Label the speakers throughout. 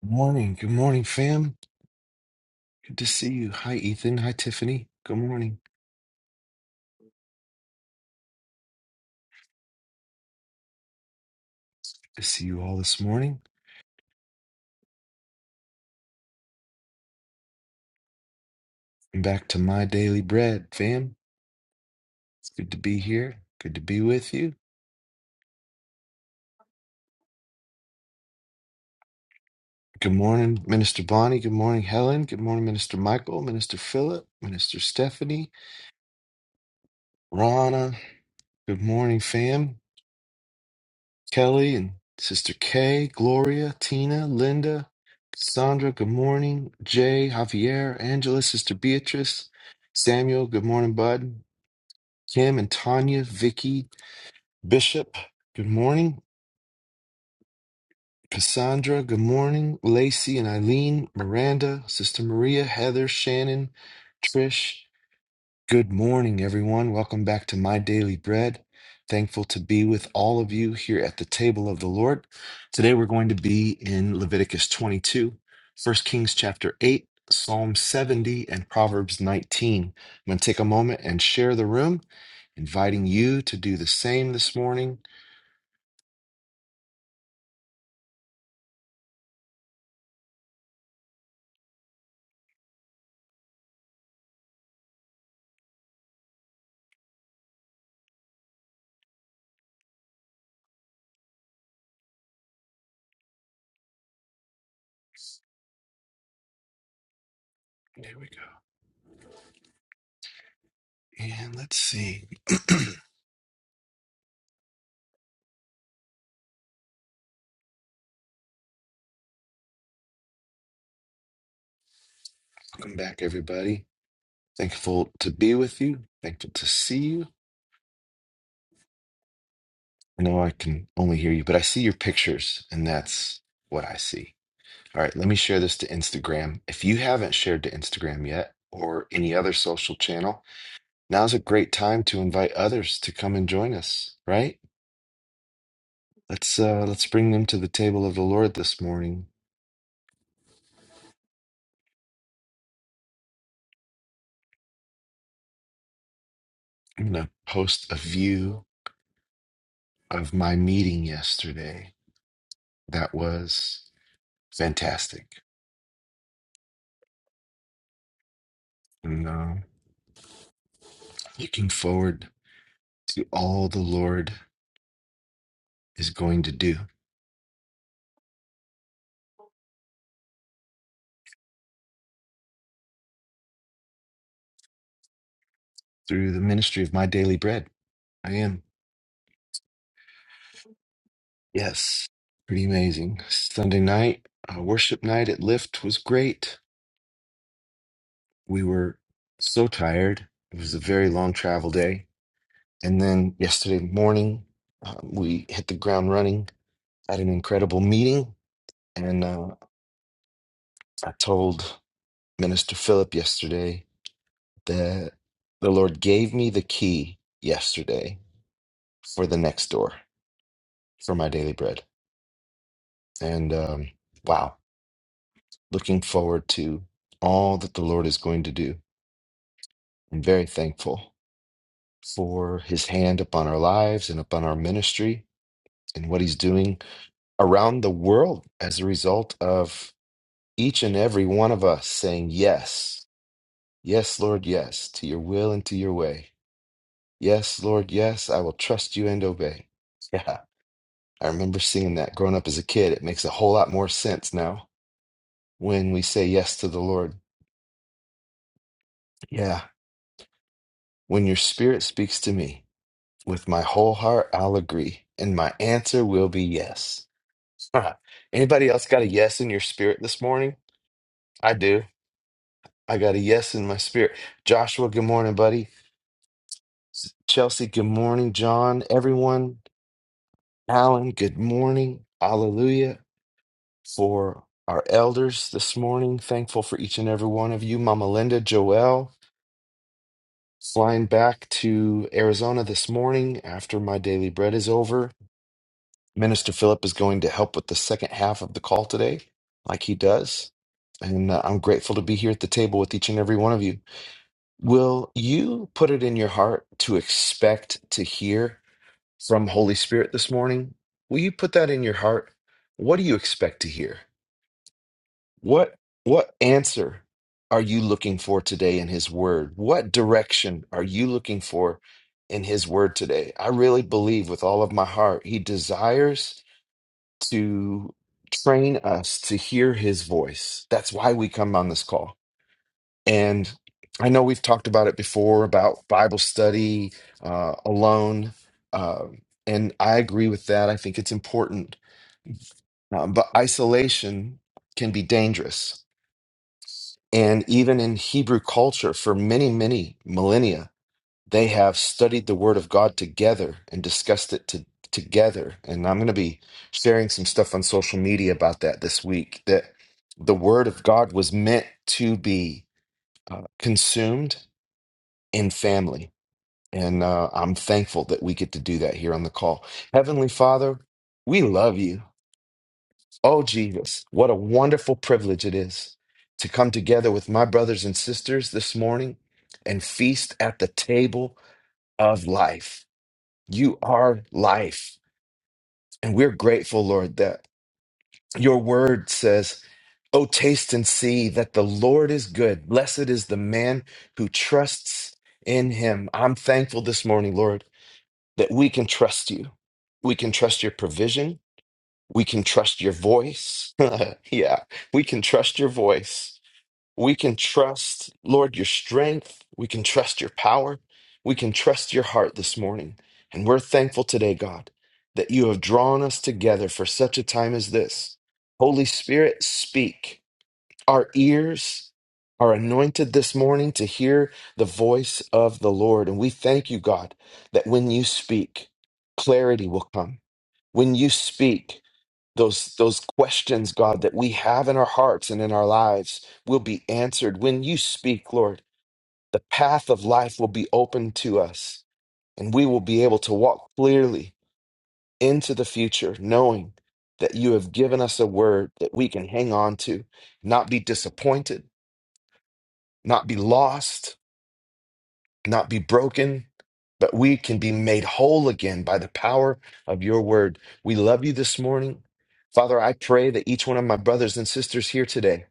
Speaker 1: Morning. Good morning, fam. Good to see you. Hi, Ethan. Hi, Tiffany. Good morning. Good to see you all this morning. I'm back to my daily bread, fam. It's good to be here. Good to be with you. Good morning, Minister Bonnie. Good morning, Helen. Good morning, Minister Michael, Minister Philip, Minister Stephanie, Rana. Good morning, fam. Kelly and Sister Kay, Gloria, Tina, Linda, Cassandra. Good morning. Jay, Javier, Angela, Sister Beatrice, Samuel. Good morning, bud. Kim and Tanya, Vicky, Bishop, good morning. Cassandra, good morning. Lacey and Eileen, Miranda, Sister Maria, Heather, Shannon, Trish, good morning, everyone. Welcome back to My Daily Bread. Thankful to be with all of you here at the table of the Lord. Today we're going to be in Leviticus 22, 1 Kings chapter 8, Psalm 70, and Proverbs 19. I'm going to take a moment and share the room inviting you to do the same this morning. There we go. And let's see. Welcome back, everybody. Thankful to be with you. Thankful to see you. I know I can only hear you, but I see your pictures, and that's what I see. All right, let me share this to Instagram. If you haven't shared to Instagram yet or any other social channel, now's a great time to invite others to come and join us, right? Let's uh let's bring them to the table of the Lord this morning. I'm gonna post a view of my meeting yesterday. That was fantastic. And uh, looking forward to all the Lord is going to do through the ministry of my daily bread. I am. Yes. Pretty amazing. Sunday night, uh, worship night at Lyft was great. We were so tired. It was a very long travel day. And then yesterday morning, uh, we hit the ground running at an incredible meeting. And uh, I told Minister Philip yesterday that the Lord gave me the key yesterday for the next door for my daily bread. And um, wow, looking forward to all that the Lord is going to do. I'm very thankful for his hand upon our lives and upon our ministry and what he's doing around the world as a result of each and every one of us saying, Yes, yes, Lord, yes, to your will and to your way. Yes, Lord, yes, I will trust you and obey. Yeah, I remember singing that growing up as a kid. It makes a whole lot more sense now when we say yes to the Lord. Yeah. When your spirit speaks to me, with my whole heart, I'll agree, and my answer will be yes. Huh. Anybody else got a yes in your spirit this morning? I do. I got a yes in my spirit. Joshua, good morning, buddy. S- Chelsea, good morning. John, everyone. Alan, good morning. Hallelujah. For our elders this morning, thankful for each and every one of you. Mama Linda, Joelle. Flying back to Arizona this morning after my daily bread is over. Minister Philip is going to help with the second half of the call today, like he does. And uh, I'm grateful to be here at the table with each and every one of you. Will you put it in your heart to expect to hear from Holy Spirit this morning? Will you put that in your heart? What do you expect to hear? What what answer are you looking for today in his word? What direction are you looking for in his word today? I really believe with all of my heart he desires to train us to hear his voice. That's why we come on this call. And I know we've talked about it before about Bible study uh, alone. Uh, and I agree with that. I think it's important. Uh, but isolation can be dangerous And even in Hebrew culture, for many, many millennia, they have studied the Word of God together and discussed it to, together. And I'm going to be sharing some stuff on social media about that this week that the Word of God was meant to be uh, consumed in family. And uh, I'm thankful that we get to do that here on the call. Heavenly Father, we love you. Oh, Jesus, what a wonderful privilege it is to come together with my brothers and sisters this morning and feast at the table of life. You are life. And we're grateful, Lord, that your word says, Oh, taste and see that the Lord is good. Blessed is the man who trusts in him. I'm thankful this morning, Lord, that we can trust you. We can trust your provision. We can trust your voice. yeah, we can trust your voice. We can trust, Lord, your strength. We can trust your power. We can trust your heart this morning. And we're thankful today, God, that you have drawn us together for such a time as this. Holy Spirit, speak. Our ears are anointed this morning to hear the voice of the Lord. And we thank you, God, that when you speak, clarity will come. When you speak, those those questions god that we have in our hearts and in our lives will be answered when you speak lord the path of life will be open to us and we will be able to walk clearly into the future knowing that you have given us a word that we can hang on to not be disappointed not be lost not be broken but we can be made whole again by the power of your word we love you this morning father i pray that each one of my brothers and sisters here today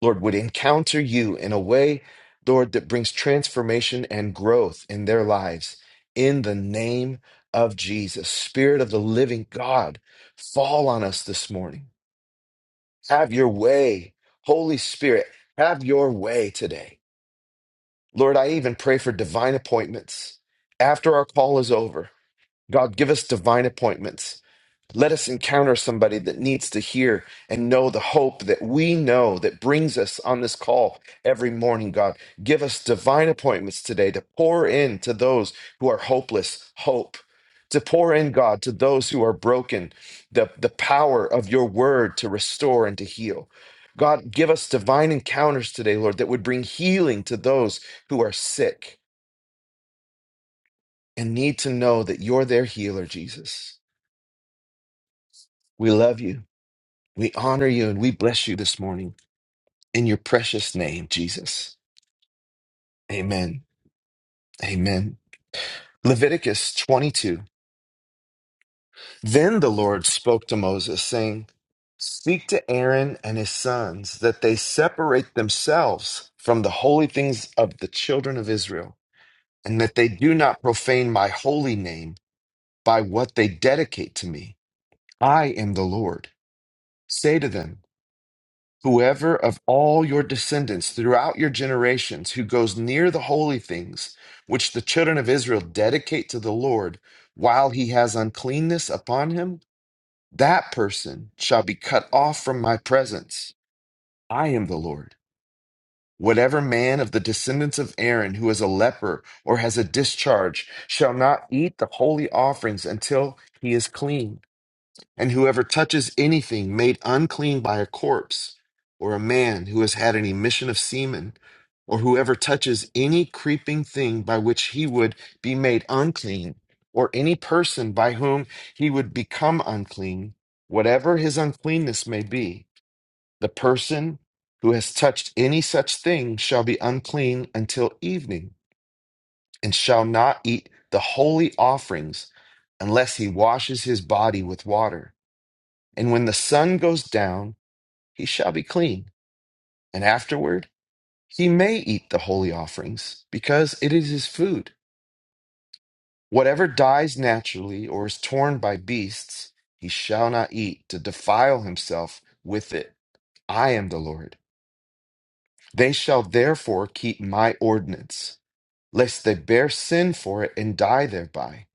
Speaker 1: Lord, would encounter you in a way, Lord, that brings transformation and growth in their lives. In the name of Jesus, Spirit of the living God, fall on us this morning. Have your way. Holy Spirit, have your way today. Lord, I even pray for divine appointments. After our call is over, God, give us divine appointments let us encounter somebody that needs to hear and know the hope that we know that brings us on this call every morning, God. Give us divine appointments today to pour in to those who are hopeless, hope. To pour in, God, to those who are broken, the, the power of your word to restore and to heal. God, give us divine encounters today, Lord, that would bring healing to those who are sick and need to know that you're their healer, Jesus. We love you. We honor you and we bless you this morning in your precious name, Jesus. Amen. Amen. Leviticus 22. Then the Lord spoke to Moses, saying, Speak to Aaron and his sons that they separate themselves from the holy things of the children of Israel, and that they do not profane my holy name by what they dedicate to me. I am the Lord. Say to them, Whoever of all your descendants throughout your generations who goes near the holy things which the children of Israel dedicate to the Lord while he has uncleanness upon him, that person shall be cut off from my presence. I am the Lord. Whatever man of the descendants of Aaron who is a leper or has a discharge shall not eat the holy offerings until he is clean. And whoever touches anything made unclean by a corpse, or a man who has had an emission of semen, or whoever touches any creeping thing by which he would be made unclean, or any person by whom he would become unclean, whatever his uncleanness may be, the person who has touched any such thing shall be unclean until evening, and shall not eat the holy offerings unless he washes his body with water and when the sun goes down, he shall be clean. And afterward, he may eat the holy offerings, because it is his food. Whatever dies naturally or is torn by beasts, he shall not eat to defile himself with it. I am the Lord. They shall therefore keep my ordinance, lest they bear sin for it and die thereby.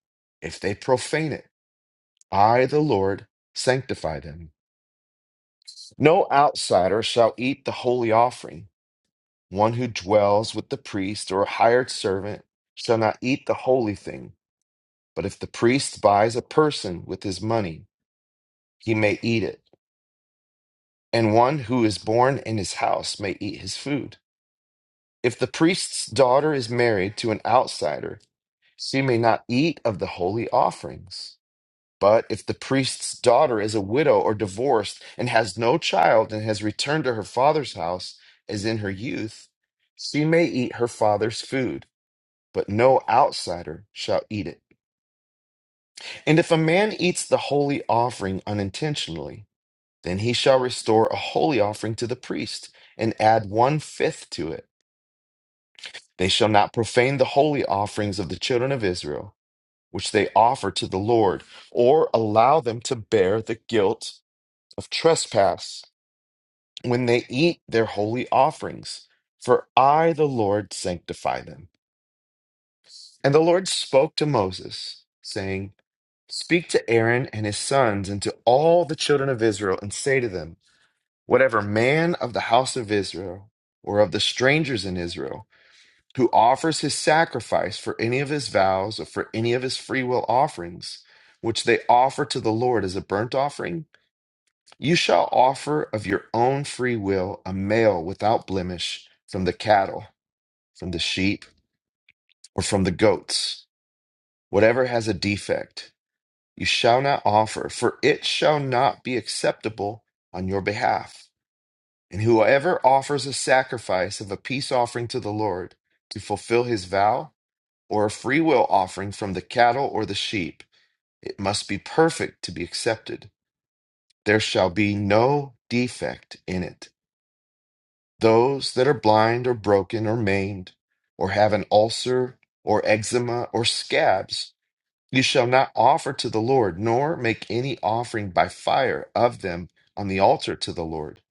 Speaker 1: If they profane it, I, the Lord, sanctify them. No outsider shall eat the holy offering One who dwells with the priest or a hired servant shall not eat the holy thing, but if the priest buys a person with his money, he may eat it. And one who is born in his house may eat his food. If the priest's daughter is married to an outsider, she may not eat of the holy offerings. But if the priest's daughter is a widow or divorced and has no child and has returned to her father's house as in her youth, she may eat her father's food but no outsider shall eat it. And if a man eats the holy offering unintentionally, then he shall restore a holy offering to the priest and add one fifth to it. They shall not profane the holy offerings of the children of Israel, which they offer to the Lord, or allow them to bear the guilt of trespass when they eat their holy offerings. For I, the Lord, sanctify them. And the Lord spoke to Moses, saying, Speak to Aaron and his sons and to all the children of Israel, and say to them, Whatever man of the house of Israel or of the strangers in Israel who offers his sacrifice for any of his vows or for any of his freewill offerings, which they offer to the Lord as a burnt offering, you shall offer of your own free will a male without blemish from the cattle, from the sheep, or from the goats, whatever has a defect you shall not offer, for it shall not be acceptable on your behalf. And whoever offers a sacrifice of a peace offering to the Lord to fulfill his vow, or a freewill offering from the cattle or the sheep, it must be perfect to be accepted. There shall be no defect in it. Those that are blind or broken or maimed, or have an ulcer or eczema or scabs, You shall not offer to the Lord, nor make any offering by fire of them on the altar to the Lord,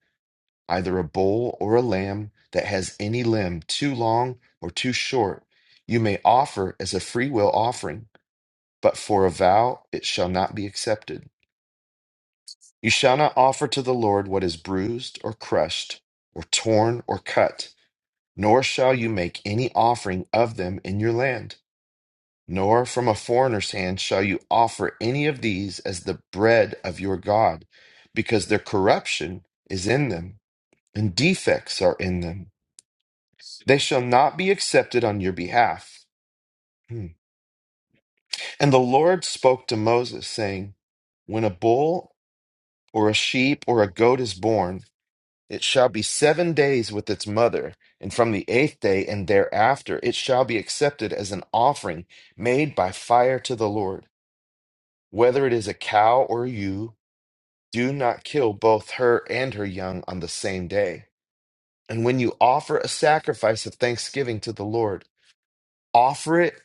Speaker 1: either a bull or a lamb that has any limb too long or too short. You may offer as a freewill offering, but for a vow it shall not be accepted. You shall not offer to the Lord what is bruised or crushed, or torn or cut, nor shall you make any offering of them in your land. Nor from a foreigner's hand shall you offer any of these as the bread of your God, because their corruption is in them, and defects are in them. They shall not be accepted on your behalf. Hmm. And the Lord spoke to Moses, saying, When a bull or a sheep or a goat is born, it shall be seven days with its mother, and from the eighth day and thereafter it shall be accepted as an offering made by fire to the Lord. Whether it is a cow or ewe, do not kill both her and her young on the same day. And when you offer a sacrifice of thanksgiving to the Lord, offer it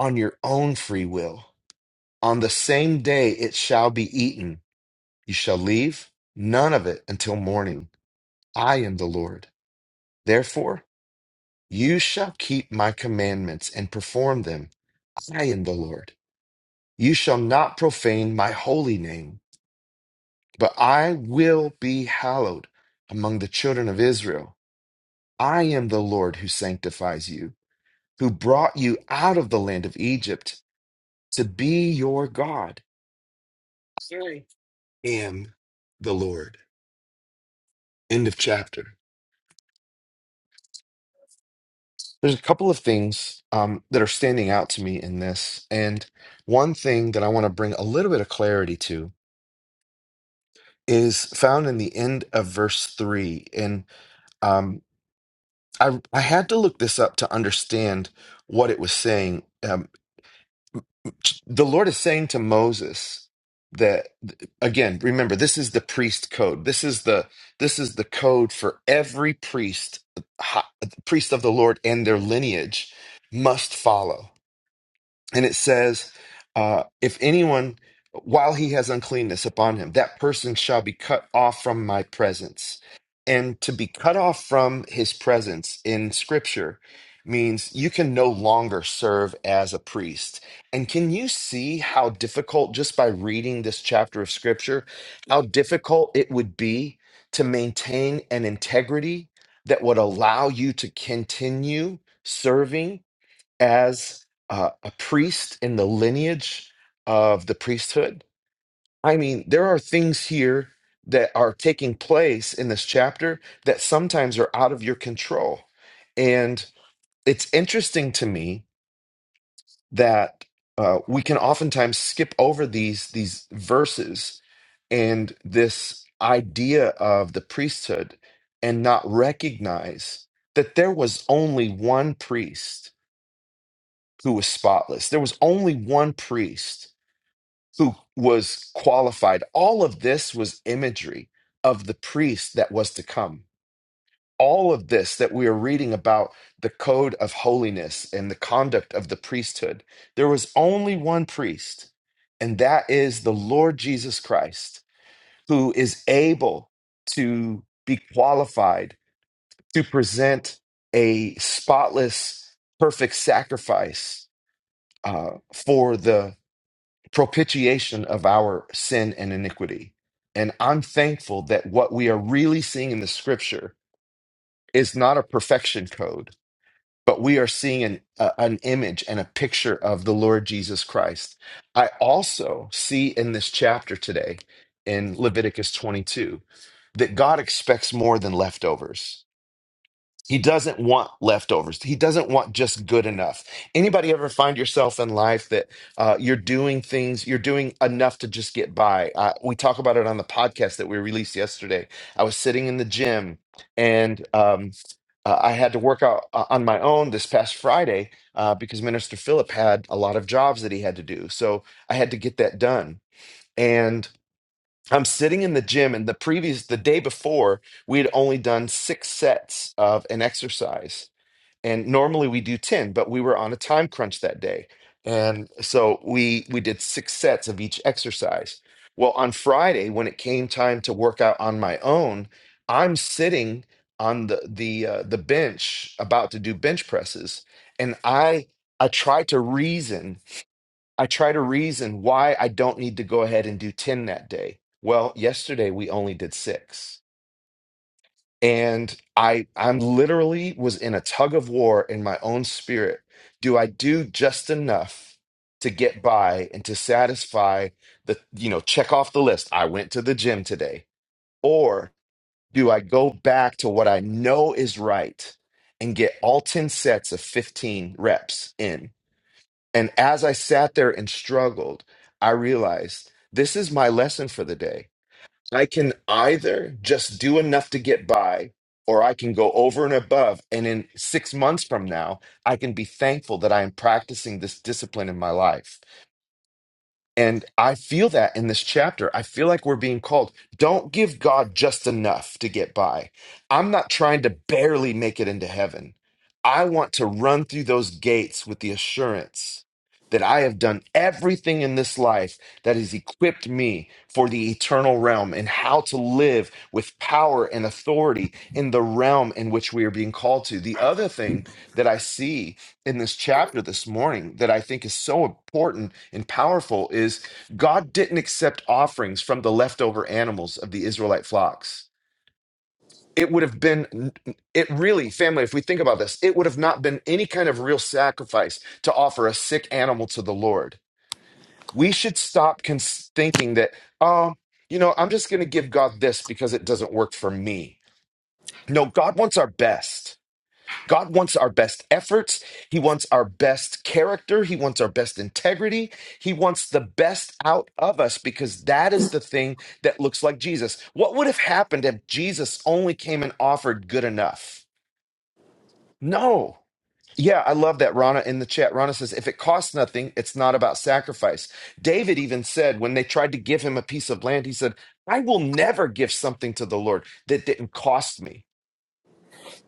Speaker 1: on your own free will. On the same day it shall be eaten. You shall leave none of it until morning. I am the Lord. Therefore, you shall keep my commandments and perform them. I am the Lord. You shall not profane my holy name. But I will be hallowed among the children of Israel. I am the Lord who sanctifies you, who brought you out of the land of Egypt to be your God. I am the Lord. End of chapter. There's a couple of things um, that are standing out to me in this. And one thing that I want to bring a little bit of clarity to is found in the end of verse 3. And um. I I had to look this up to understand what it was saying. Um, the Lord is saying to Moses that again, remember this is the priest code. This is the this is the code for every priest, hi- priest of the Lord and their lineage must follow and it says, uh, if anyone, while he has uncleanness upon him, that person shall be cut off from my presence. And to be cut off from his presence in scripture means you can no longer serve as a priest. And can you see how difficult, just by reading this chapter of scripture, how difficult it would be to maintain an integrity that would allow you to continue serving? as uh, a priest in the lineage of the priesthood. I mean, there are things here that are taking place in this chapter that sometimes are out of your control. And it's interesting to me that uh, we can oftentimes skip over these these verses and this idea of the priesthood and not recognize that there was only one priest who was spotless. There was only one priest who was qualified. All of this was imagery of the priest that was to come. All of this that we are reading about the code of holiness and the conduct of the priesthood, there was only one priest, and that is the Lord Jesus Christ, who is able to be qualified to present a spotless, perfect sacrifice uh, for the propitiation of our sin and iniquity. And I'm thankful that what we are really seeing in the scripture is not a perfection code, but we are seeing an, a- an image and a picture of the Lord Jesus Christ. I also see in this chapter today, in Leviticus 22, that God expects more than leftovers he doesn't want leftovers. He doesn't want just good enough. Anybody ever find yourself in life that uh, you're doing things, you're doing enough to just get by? Uh, we talk about it on the podcast that we released yesterday. I was sitting in the gym and um, uh, I had to work out uh, on my own this past Friday uh, because Minister Philip had a lot of jobs that he had to do. So I had to get that done. and. I'm sitting in the gym, and the previous, the day before, we had only done six sets of an exercise. And normally we do 10, but we were on a time crunch that day. And so we we did six sets of each exercise. Well, on Friday, when it came time to work out on my own, I'm sitting on the the uh, the bench about to do bench presses, and I I tried to reason I try to reason why I don't need to go ahead and do 10 that day. Well, yesterday we only did six. And I I'm literally was in a tug of war in my own spirit. Do I do just enough to get by and to satisfy the, you know, check off the list. I went to the gym today. Or do I go back to what I know is right and get all 10 sets of 15 reps in? And as I sat there and struggled, I realized this is my lesson for the day. I can either just do enough to get by, or I can go over and above. And in six months from now, I can be thankful that I am practicing this discipline in my life and I feel that in this chapter. I feel like we're being called. Don't give God just enough to get by. I'm not trying to barely make it into heaven. I want to run through those gates with the assurance that I have done everything in this life that has equipped me for the eternal realm and how to live with power and authority in the realm in which we are being called to. The other thing that I see in this chapter this morning that I think is so important and powerful is God didn't accept offerings from the leftover animals of the Israelite flocks. It would have been, it really, family, if we think about this, it would have not been any kind of real sacrifice to offer a sick animal to the Lord. We should stop cons- thinking that, oh, you know, I'm just going to give God this because it doesn't work for me. No, God wants our best. God wants our best efforts. He wants our best character. He wants our best integrity. He wants the best out of us because that is the thing that looks like Jesus. What would have happened if Jesus only came and offered good enough? No. Yeah, I love that. Rana in the chat, Rana says, if it costs nothing, it's not about sacrifice. David even said when they tried to give him a piece of land, he said, I will never give something to the Lord that didn't cost me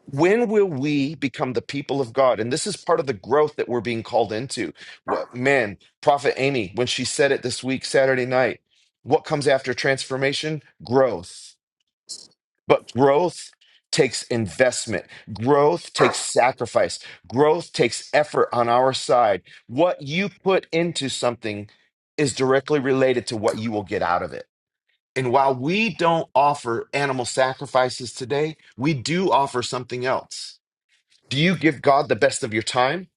Speaker 1: when will we become the people of God? And this is part of the growth that we're being called into. What man, Prophet Amy, when she said it this week, Saturday night, what comes after transformation? Growth. But growth takes investment, growth takes sacrifice, growth takes effort on our side. What you put into something is directly related to what you will get out of it. And while we don't offer animal sacrifices today, we do offer something else do you give God the best of your time?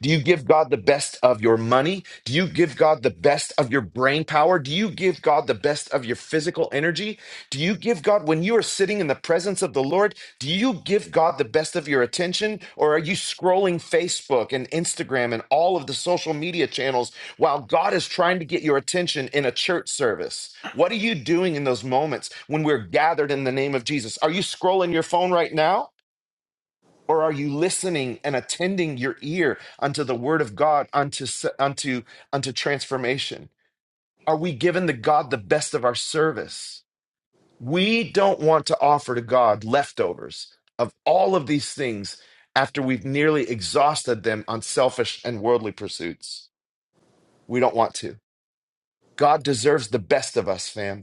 Speaker 1: Do you give God the best of your money? Do you give God the best of your brain power? Do you give God the best of your physical energy? Do you give God, when you are sitting in the presence of the Lord, do you give God the best of your attention? Or are you scrolling Facebook and Instagram and all of the social media channels while God is trying to get your attention in a church service? What are you doing in those moments when we're gathered in the name of Jesus? Are you scrolling your phone right now? Or are you listening and attending your ear unto the word of God, unto, unto, unto transformation? Are we giving the God the best of our service? We don't want to offer to God leftovers of all of these things after we've nearly exhausted them on selfish and worldly pursuits. We don't want to. God deserves the best of us, fam.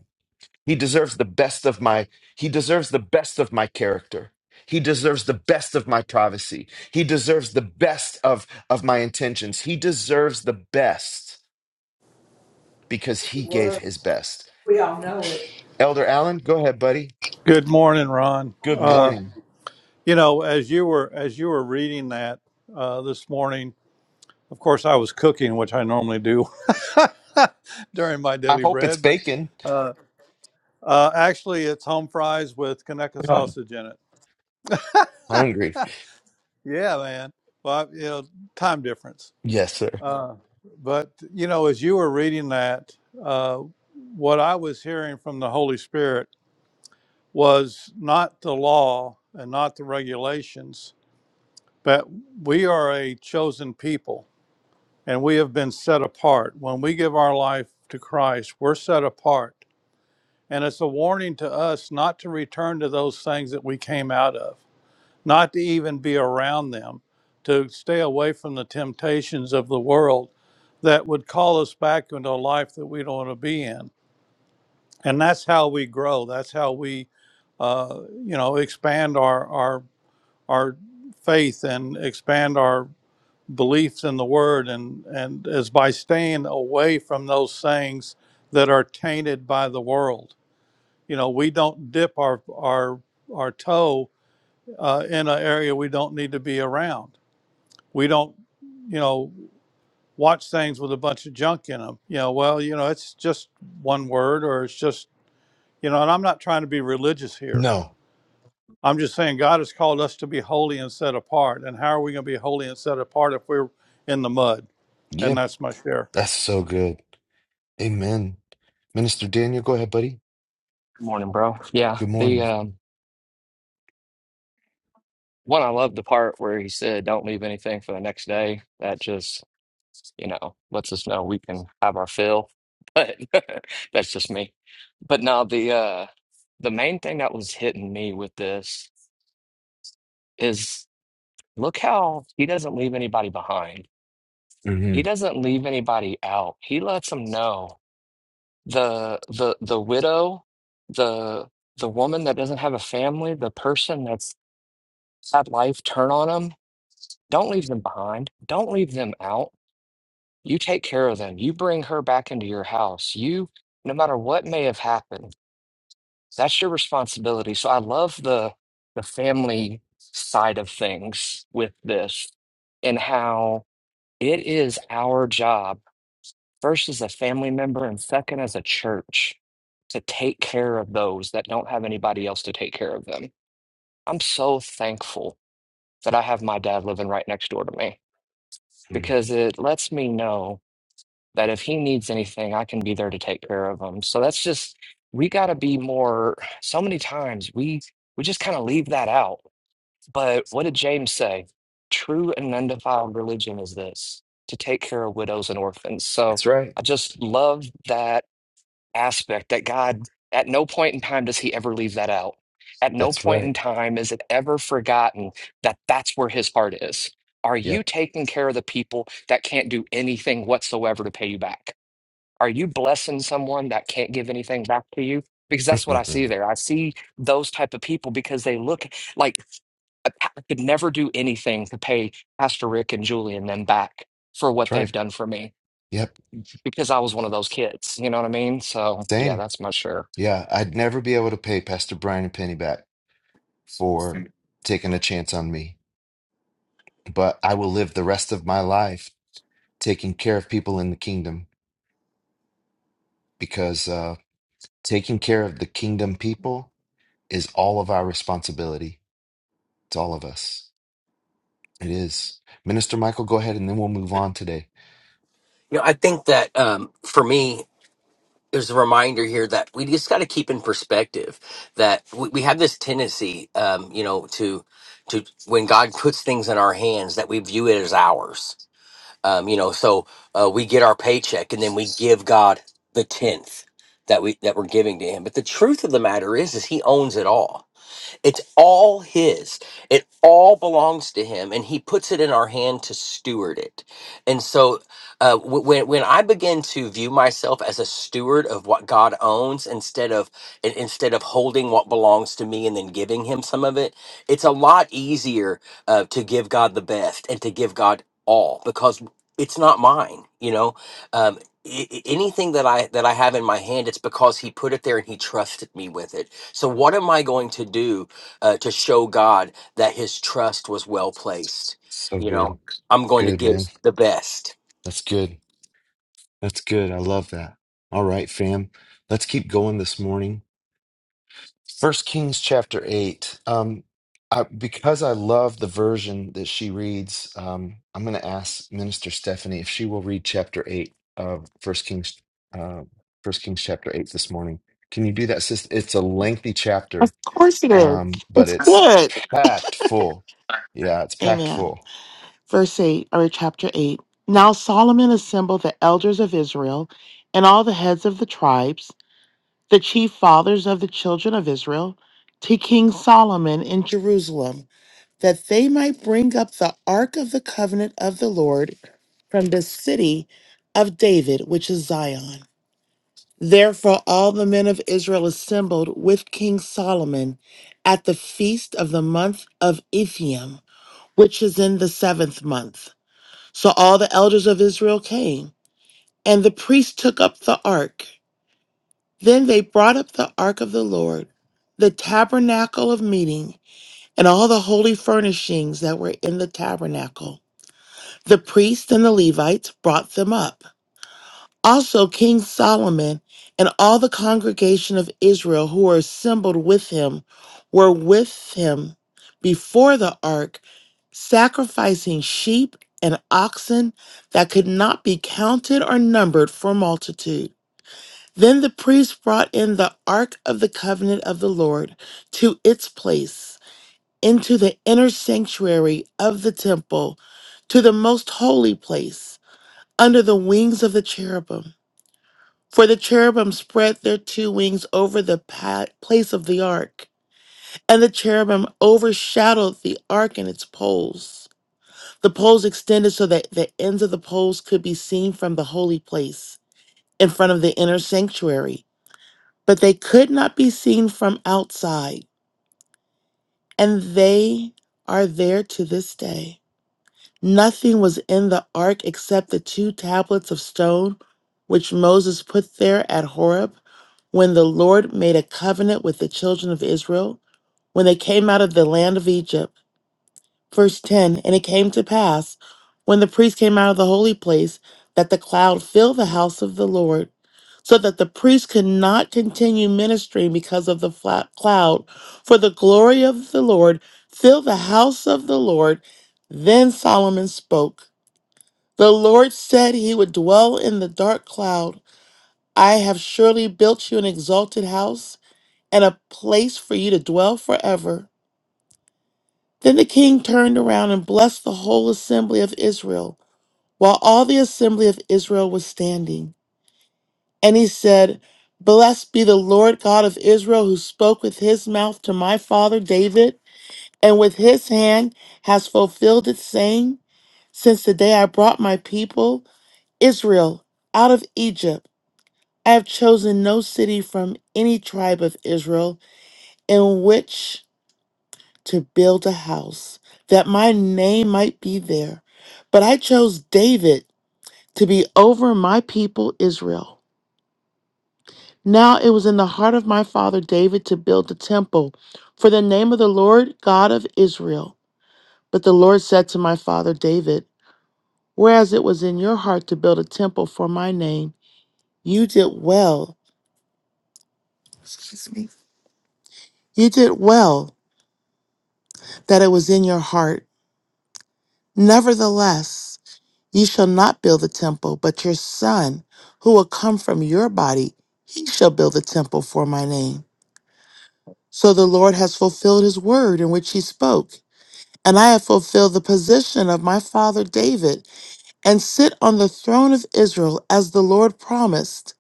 Speaker 1: He deserves the best of my he deserves the best of my character. He deserves the best of my privacy. He deserves the best of of my intentions. He deserves the best because he gave
Speaker 2: Word.
Speaker 1: his best.
Speaker 2: We all know it.
Speaker 1: Elder Allen, go ahead, buddy.
Speaker 2: Good morning, Ron.
Speaker 1: Good
Speaker 2: Uh,
Speaker 1: morning.
Speaker 2: you know, as you were as you were reading that uh, this morning, of course, I was cooking, which I normally do during my
Speaker 1: I
Speaker 2: daily
Speaker 1: hope it's
Speaker 2: bread. But
Speaker 1: bacon.
Speaker 2: uh, uh, actually, it's home fries with Kaneka
Speaker 1: Ugh,
Speaker 2: sausage in it.
Speaker 1: hungry.
Speaker 2: Yeah, man. Well, I- you know, time difference.
Speaker 1: Yes, sir.
Speaker 2: Uh, but you know, as you were reading that, uh, what I was hearing from the Holy Spirit was not the law and not the regulations But we are a chosen people and we have been set apart. When we give our life to Christ, we're set apart. And it's a warning to us not to return to those things that we came out of, not to even be around them, to stay away from the temptations of the world that would call us back into a life that we don't want to be in. And that's how we grow. That's how we, uh, you know, expand our, our, our faith and expand our. beliefs in the word and and is by staying away from those things that are tainted by the world you know we don't dip our our our toe uh, in an area we don't need to be around we don't you know watch things with a bunch of junk in them you know well you know it's just one word or it's just you know and i'm not trying to be religious here
Speaker 1: No.
Speaker 2: i'm just saying god has called us to be holy and set apart and how are we going to be holy and set apart if we're in the mud and
Speaker 1: Yep.
Speaker 2: that's my share
Speaker 1: That's so good. Amen. Minister Daniel, go ahead, buddy.
Speaker 3: Good morning, bro. Yeah,
Speaker 1: Good
Speaker 3: the
Speaker 1: morning.
Speaker 3: um, one I love the part where he said, "Don't leave anything for the next day." That just, you know, lets us know we can have our fill. But that's just me. But no, the uh, the main thing that was hitting me with this is look how he doesn't leave anybody behind.
Speaker 1: hmm
Speaker 3: He doesn't leave anybody out. He lets them know the the the widow, the the woman that doesn't have a family, the person that's had life turn on them. Don't leave them behind. Don't leave them out. You take care of them. You bring her back into your house. You, no matter what may have happened, that's your responsibility. So I love the the family side of things with this and how it is our job, first as a family member and second as a church, to take care of those that don't have anybody else to take care of them. I'm so thankful that I have my dad living right next door to me because it lets me know that if he needs anything, I can be there to take care of him. So that's just we got to be more. So many times we we just kind of leave that out. But what did James say? True and undefiled religion is this to take care of widows and orphans. So
Speaker 1: That's right.
Speaker 3: I just love that aspect that God at no point in time does he ever leave that out. At no
Speaker 1: That's
Speaker 3: point in
Speaker 1: right.
Speaker 3: time is it ever forgotten that that's where his heart is. Are you
Speaker 1: Yep.
Speaker 3: taking care of the people that can't do anything whatsoever to pay you back? Are you blessing someone that can't give anything back to you? Because that's what I
Speaker 1: That's
Speaker 3: see there. I see those type of people because they look like I I could never do anything to pay Pastor Rick and Julie and them back for what
Speaker 1: right.
Speaker 3: they've done for me
Speaker 1: Yep.
Speaker 3: because I was one of those kids. You know what I mean? So yeah,
Speaker 1: Same.
Speaker 3: that's my share.
Speaker 1: Yeah, I'd never be able to pay Pastor Brian a penny back for taking a chance on me, but I will live the rest of my life taking care of people in the kingdom because uh, taking care of the kingdom people is all of our responsibility. It's all of us. It is. Minister Michael, go ahead and then we'll move on today.
Speaker 4: You know, I think that um, for me, there's a reminder here that we just got to keep in perspective that we, we have this tendency, um, you know, to to when God puts things in our hands that we view it as ours. Um, you know, so uh, we get our paycheck and then we give God the tenth that we that we're giving to Him. But the truth of the matter is, is He owns it all it's all His. It all belongs to Him, and He puts it in our hand to steward it. And so, uh, wh- when when I begin to view myself as a steward of what God owns, instead of in- instead of holding what belongs to me and then giving Him some of it, it's a lot easier uh, to give God the best and to give God all because it's not mine. You know, um, i- i- anything that I that I have in my hand, it's because He put it there and He trusted me with it. So what am I going to do? uh, to show God that his trust was well placed.
Speaker 1: So
Speaker 4: You
Speaker 1: good.
Speaker 4: know, I'm going to
Speaker 1: Good, man.
Speaker 4: give the best.
Speaker 1: That's good. That's good. I love that. All right, fam. Let's keep going this morning. First Kings chapter eight. Um, I, because I love the version that she reads, um, I'm going to ask Minister Stephanie if she will read chapter eight of First Kings, uh, First Kings chapter eight this morning. Can you do that, sis? It's a lengthy
Speaker 5: Of
Speaker 1: chapter,
Speaker 5: course it is.
Speaker 1: um, but
Speaker 5: It's
Speaker 1: it's
Speaker 5: good.
Speaker 1: packed full. Yeah, it's packed
Speaker 5: Amen.
Speaker 1: full.
Speaker 5: Verse 8, or chapter 8. Now Solomon assembled the elders of Israel and all the heads of the tribes, the chief fathers of the children of Israel, to King Solomon in Jerusalem, that they might bring up the ark of the covenant of the Lord from the city of David, which is Zion. Therefore, all the men of Israel assembled with King Solomon at the feast of the month of Ethiam, which is in the seventh month. So all the elders of Israel came, and the priests took up the ark. Then they brought up the ark of the Lord, the tabernacle of meeting, and all the holy furnishings that were in the tabernacle. The priests and the Levites brought them up. Also, King Solomon and all the congregation of Israel who were assembled with him were with him before the ark, sacrificing sheep and oxen that could not be counted or numbered for multitude. Then the priest brought in the ark of the covenant of the Lord to its place, into the inner sanctuary of the temple, to the most holy place, under the wings of the cherubim. For the cherubim spread their two wings over the pa- place of the ark, and the cherubim overshadowed the ark and its poles. The poles extended so that the ends of the poles could be seen from the holy place in front of the inner sanctuary, but they could not be seen from outside, and they are there to this day. Nothing was in the ark except the two tablets of stone which Moses put there at Horeb when the Lord made a covenant with the children of Israel when they came out of the land of Egypt. Verse 10 And it came to pass, when the priest came out of the holy place, that the cloud filled the house of the Lord, so that the priest could not continue ministering because of the flat cloud. For the glory of the Lord filled the house of the Lord. Then Solomon spoke. The Lord said he would dwell in the dark cloud. I have surely built you an exalted house and a place for you to dwell forever. Then the king turned around and blessed the whole assembly of Israel, while all the assembly of Israel was standing. And he said, Blessed be the Lord God of Israel, who spoke with his mouth to my father David, and with his hand has fulfilled it, saying, Since the day I brought my people, Israel, out of Egypt, I have chosen no city from any tribe of Israel in which to build a house that my name might be there. But I chose David to be over my people Israel. Now it was in the heart of my father David to build the temple for the name of the Lord God of Israel. But the Lord said to my father David, Whereas it was in your heart to build a temple for my name, you did well. Excuse me. You did well that it was in your heart. Nevertheless, You shall not build the temple, but your son, who will come from your body, he shall build the temple for my name. So the Lord has fulfilled his word in which he spoke. And I have fulfilled the position of my father David, and sit on the throne of Israel as the Lord promised.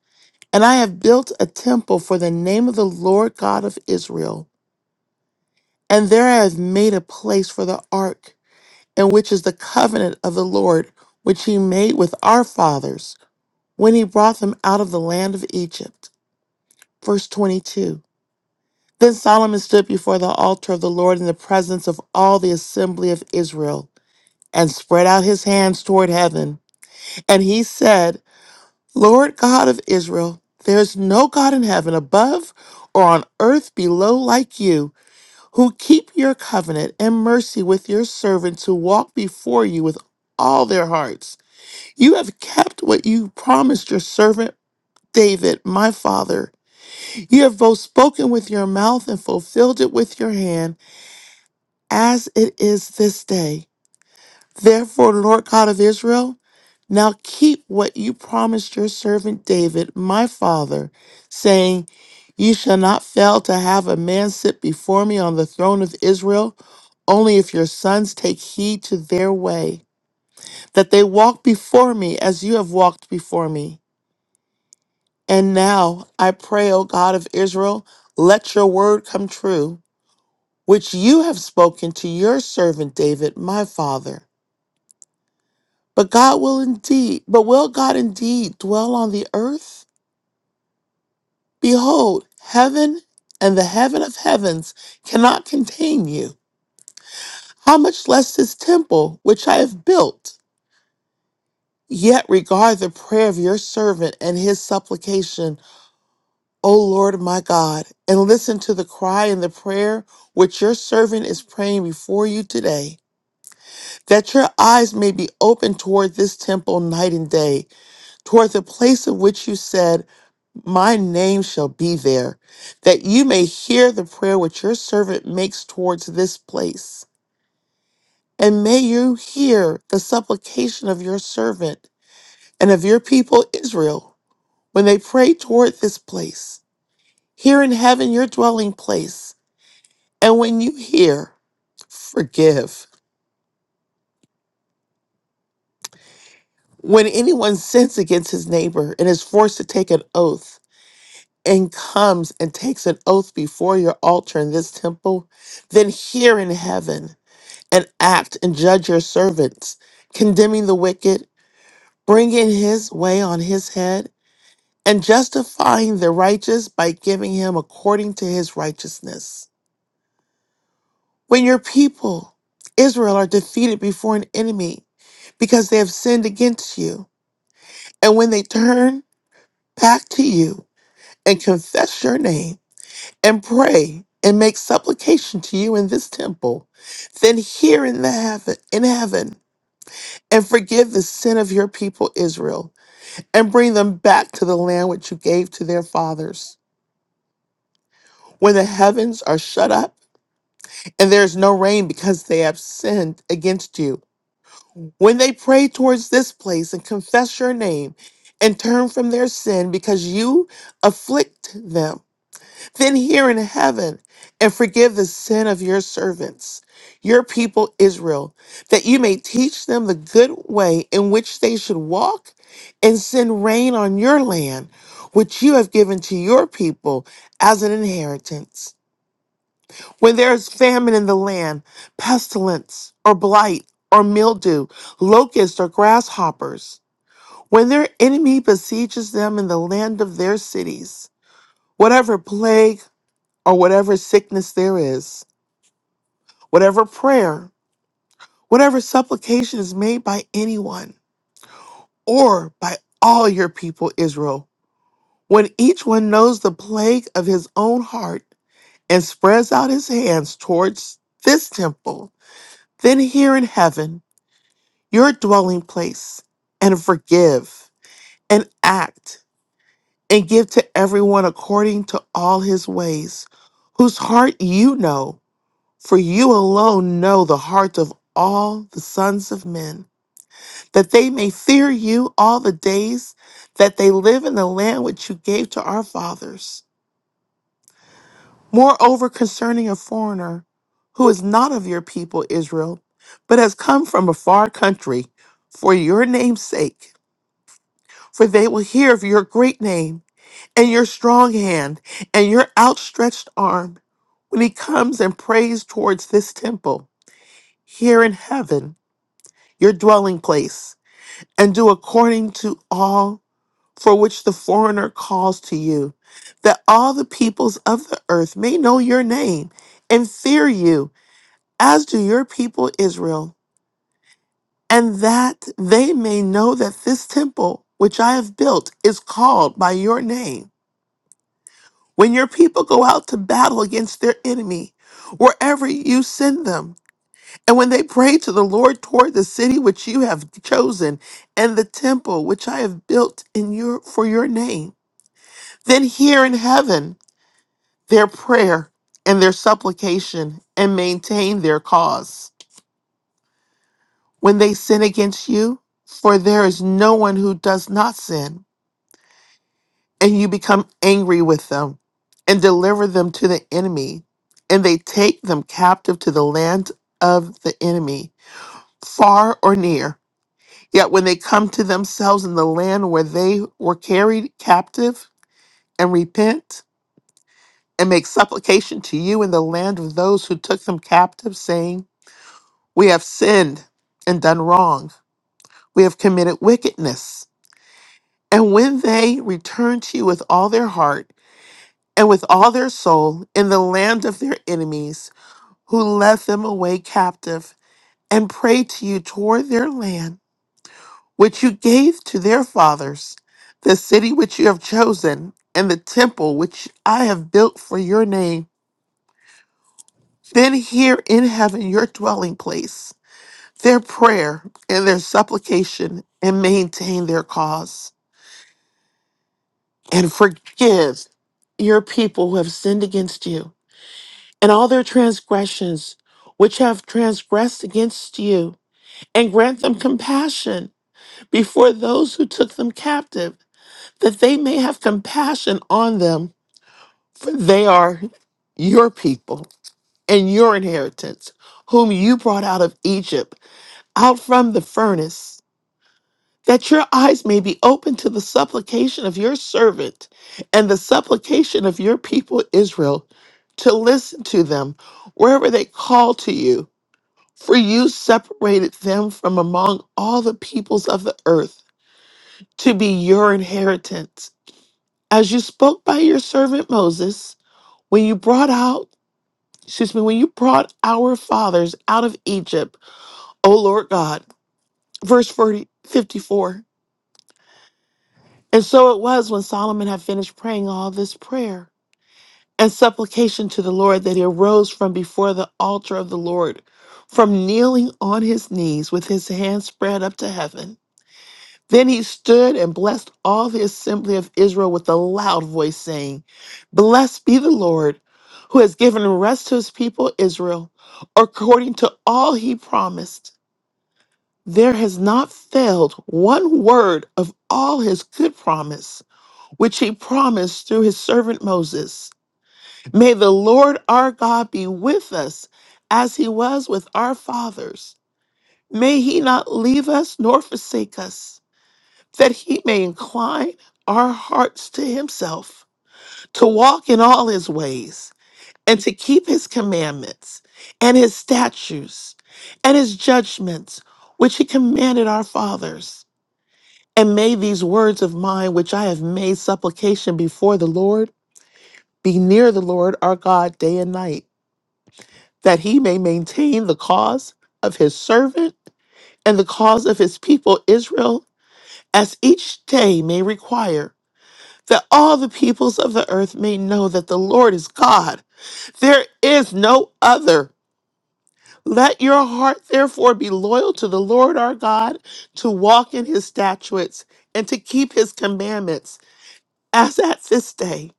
Speaker 5: And I have built a temple for the name of the Lord God of Israel. And there I have made a place for the ark, in which is the covenant of the Lord, which he made with our fathers when he brought them out of the land of Egypt. Verse 22 Then Solomon stood before the altar of the Lord in the presence of all the assembly of Israel and spread out his hands toward heaven. And he said, Lord God of Israel, there is no God in heaven above or on earth below like you, who keep your covenant and mercy with your servants who walk before you with all their hearts. You have kept what you promised your servant David, my father. You have both spoken with your mouth and fulfilled it with your hand, as it is this day. Therefore, Lord God of Israel, now keep what you promised your servant David, my father, saying, You shall not fail to have a man sit before me on the throne of Israel, only if your sons take heed to their way, that they walk before me as you have walked before me. And now I pray, O God of Israel, let your word come true. which you have spoken to your servant David, my father. But God will indeed, but will God indeed dwell on the earth? Behold, heaven and the heaven of heavens cannot contain you. How much less this temple which I have built? Yet regard the prayer of your servant and his supplication, O Lord my God, and listen to the cry and the prayer which your servant is praying before you today. that your eyes may be open toward this temple night and day, toward the place of which you said, My name shall be there, that you may hear the prayer which your servant makes towards this place. And may you hear the supplication of your servant and of your people Israel when they pray toward this place. Here in heaven, your dwelling place. And when you hear, forgive. When anyone sins against his neighbor and is forced to take an oath, and comes and takes an oath before your altar in this temple, then hear in heaven and act and judge your servants, condemning the wicked, bringing his way on his head, and justifying the righteous by giving him according to his righteousness. When your people, Israel, are defeated before an enemy because they have sinned against you, and when they turn back to you and confess your name, and pray and make supplication to you in this temple, then hear in the heaven in heaven and forgive the sin of your people Israel, and bring them back to the land which you gave to their fathers. When the heavens are shut up and there is no rain because they have sinned against you, when they pray towards this place and confess your name and turn from their sin because you afflict them Then hear in heaven and forgive the sin of your servants, your people Israel, that you may teach them the good way in which they should walk and send rain on your land, which you have given to your people as an inheritance. When there is famine in the land, pestilence or blight or mildew, locusts or grasshoppers, when their enemy besieges them in the land of their cities, whatever plague or whatever sickness there is, whatever prayer, whatever supplication is made by anyone or by all your people, Israel, when each one knows the plague of his own heart and spreads out his hands towards this temple, then hear in heaven your dwelling place and forgive and act and give to everyone according to all his ways, whose heart you know For you alone know the heart of all the sons of men, that they may fear you all the days that they live in the land which you gave to our fathers. Moreover, concerning a foreigner who is not of your people Israel, but has come from a far country for your name's sake, for they will hear of your great name and your strong hand and your outstretched arm when he comes and prays towards this temple here in heaven your dwelling place, and do according to all for which the foreigner calls to you, that all the peoples of the earth may know your name and fear you, as do your people Israel, and that they may know that this temple which I have built is called by your name. When your people go out to battle against their enemy, wherever you send them, And when they prayed to the Lord toward the city which you have chosen and the temple which I have built in your for your name, then hear in heaven their prayer and their supplication and maintain their cause. When they sin against you, for there is no one who does not sin, and you become angry with them and deliver them to the enemy, and they take them captive to the land of the enemy, far or near Yet when they come to themselves in the land where they were carried captive and repent and make supplication to you in the land of those who took them captive, saying, We have sinned and done wrong, we have committed wickedness. And when they return to you with all their heart and with all their soul in the land of their enemies, who led them away captive, and pray to you toward their land, which you gave to their fathers, the city which you have chosen, and the temple which I have built for your name. Then hear in heaven your dwelling place, their prayer and their supplication, and maintain their cause. And forgive your people who have sinned against you, and all their transgressions which have transgressed against you, and grant them compassion before those who took them captive that they may have compassion on them, for they are your people and your inheritance, whom you brought out of Egypt, out from the furnace, that your eyes may be open to the supplication of your servant and the supplication of your people Israel, to listen to them wherever they call to you. For you separated them from among all the peoples of the earth to be your inheritance, as you spoke by your servant Moses. When you brought out, excuse me, when you brought our fathers out of Egypt, O Lord God. Verse 40 54. And so it was when Solomon had finished praying all this prayer and supplication to the Lord that he arose from before the altar of the Lord, from kneeling on his knees with his hands spread up to heaven. Then he stood and blessed all the assembly of Israel with a loud voice, saying, Blessed be the Lord, who has given rest to his people Israel, according to all he promised. There has not failed one word of all his good promise, which he promised through his servant Moses. May the Lord our God be with us as he was with our fathers. May he not leave us nor forsake us that he may incline our hearts to himself, to walk in all his ways, and to keep his commandments, and his statutes, and his judgments, which he commanded our fathers. And may these words of mine, which I have made supplication before the Lord, be near the Lord our God day and night, that he may maintain the cause of his servant and the cause of his people Israel, as each day may require that all the peoples of the earth may know that the Lord is God. There is no other. Let your heart therefore be loyal to the Lord our God, to walk in his statutes and to keep his commandments, as at this day.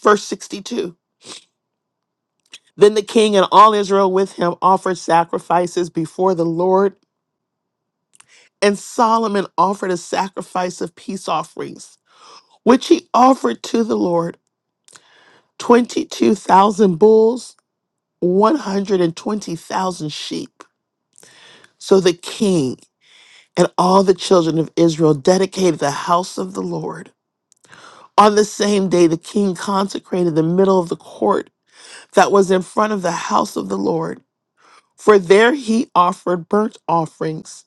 Speaker 5: Verse 62. Then the king and all Israel with him offered sacrifices before the Lord, and Solomon offered a sacrifice of peace offerings, which he offered to the Lord 22,000 bulls 120,000 sheep. So the king and all the children of Israel dedicated the house of the Lord. On the same day, the king consecrated the middle of the court that was in front of the house of the Lord, for there he offered burnt offerings,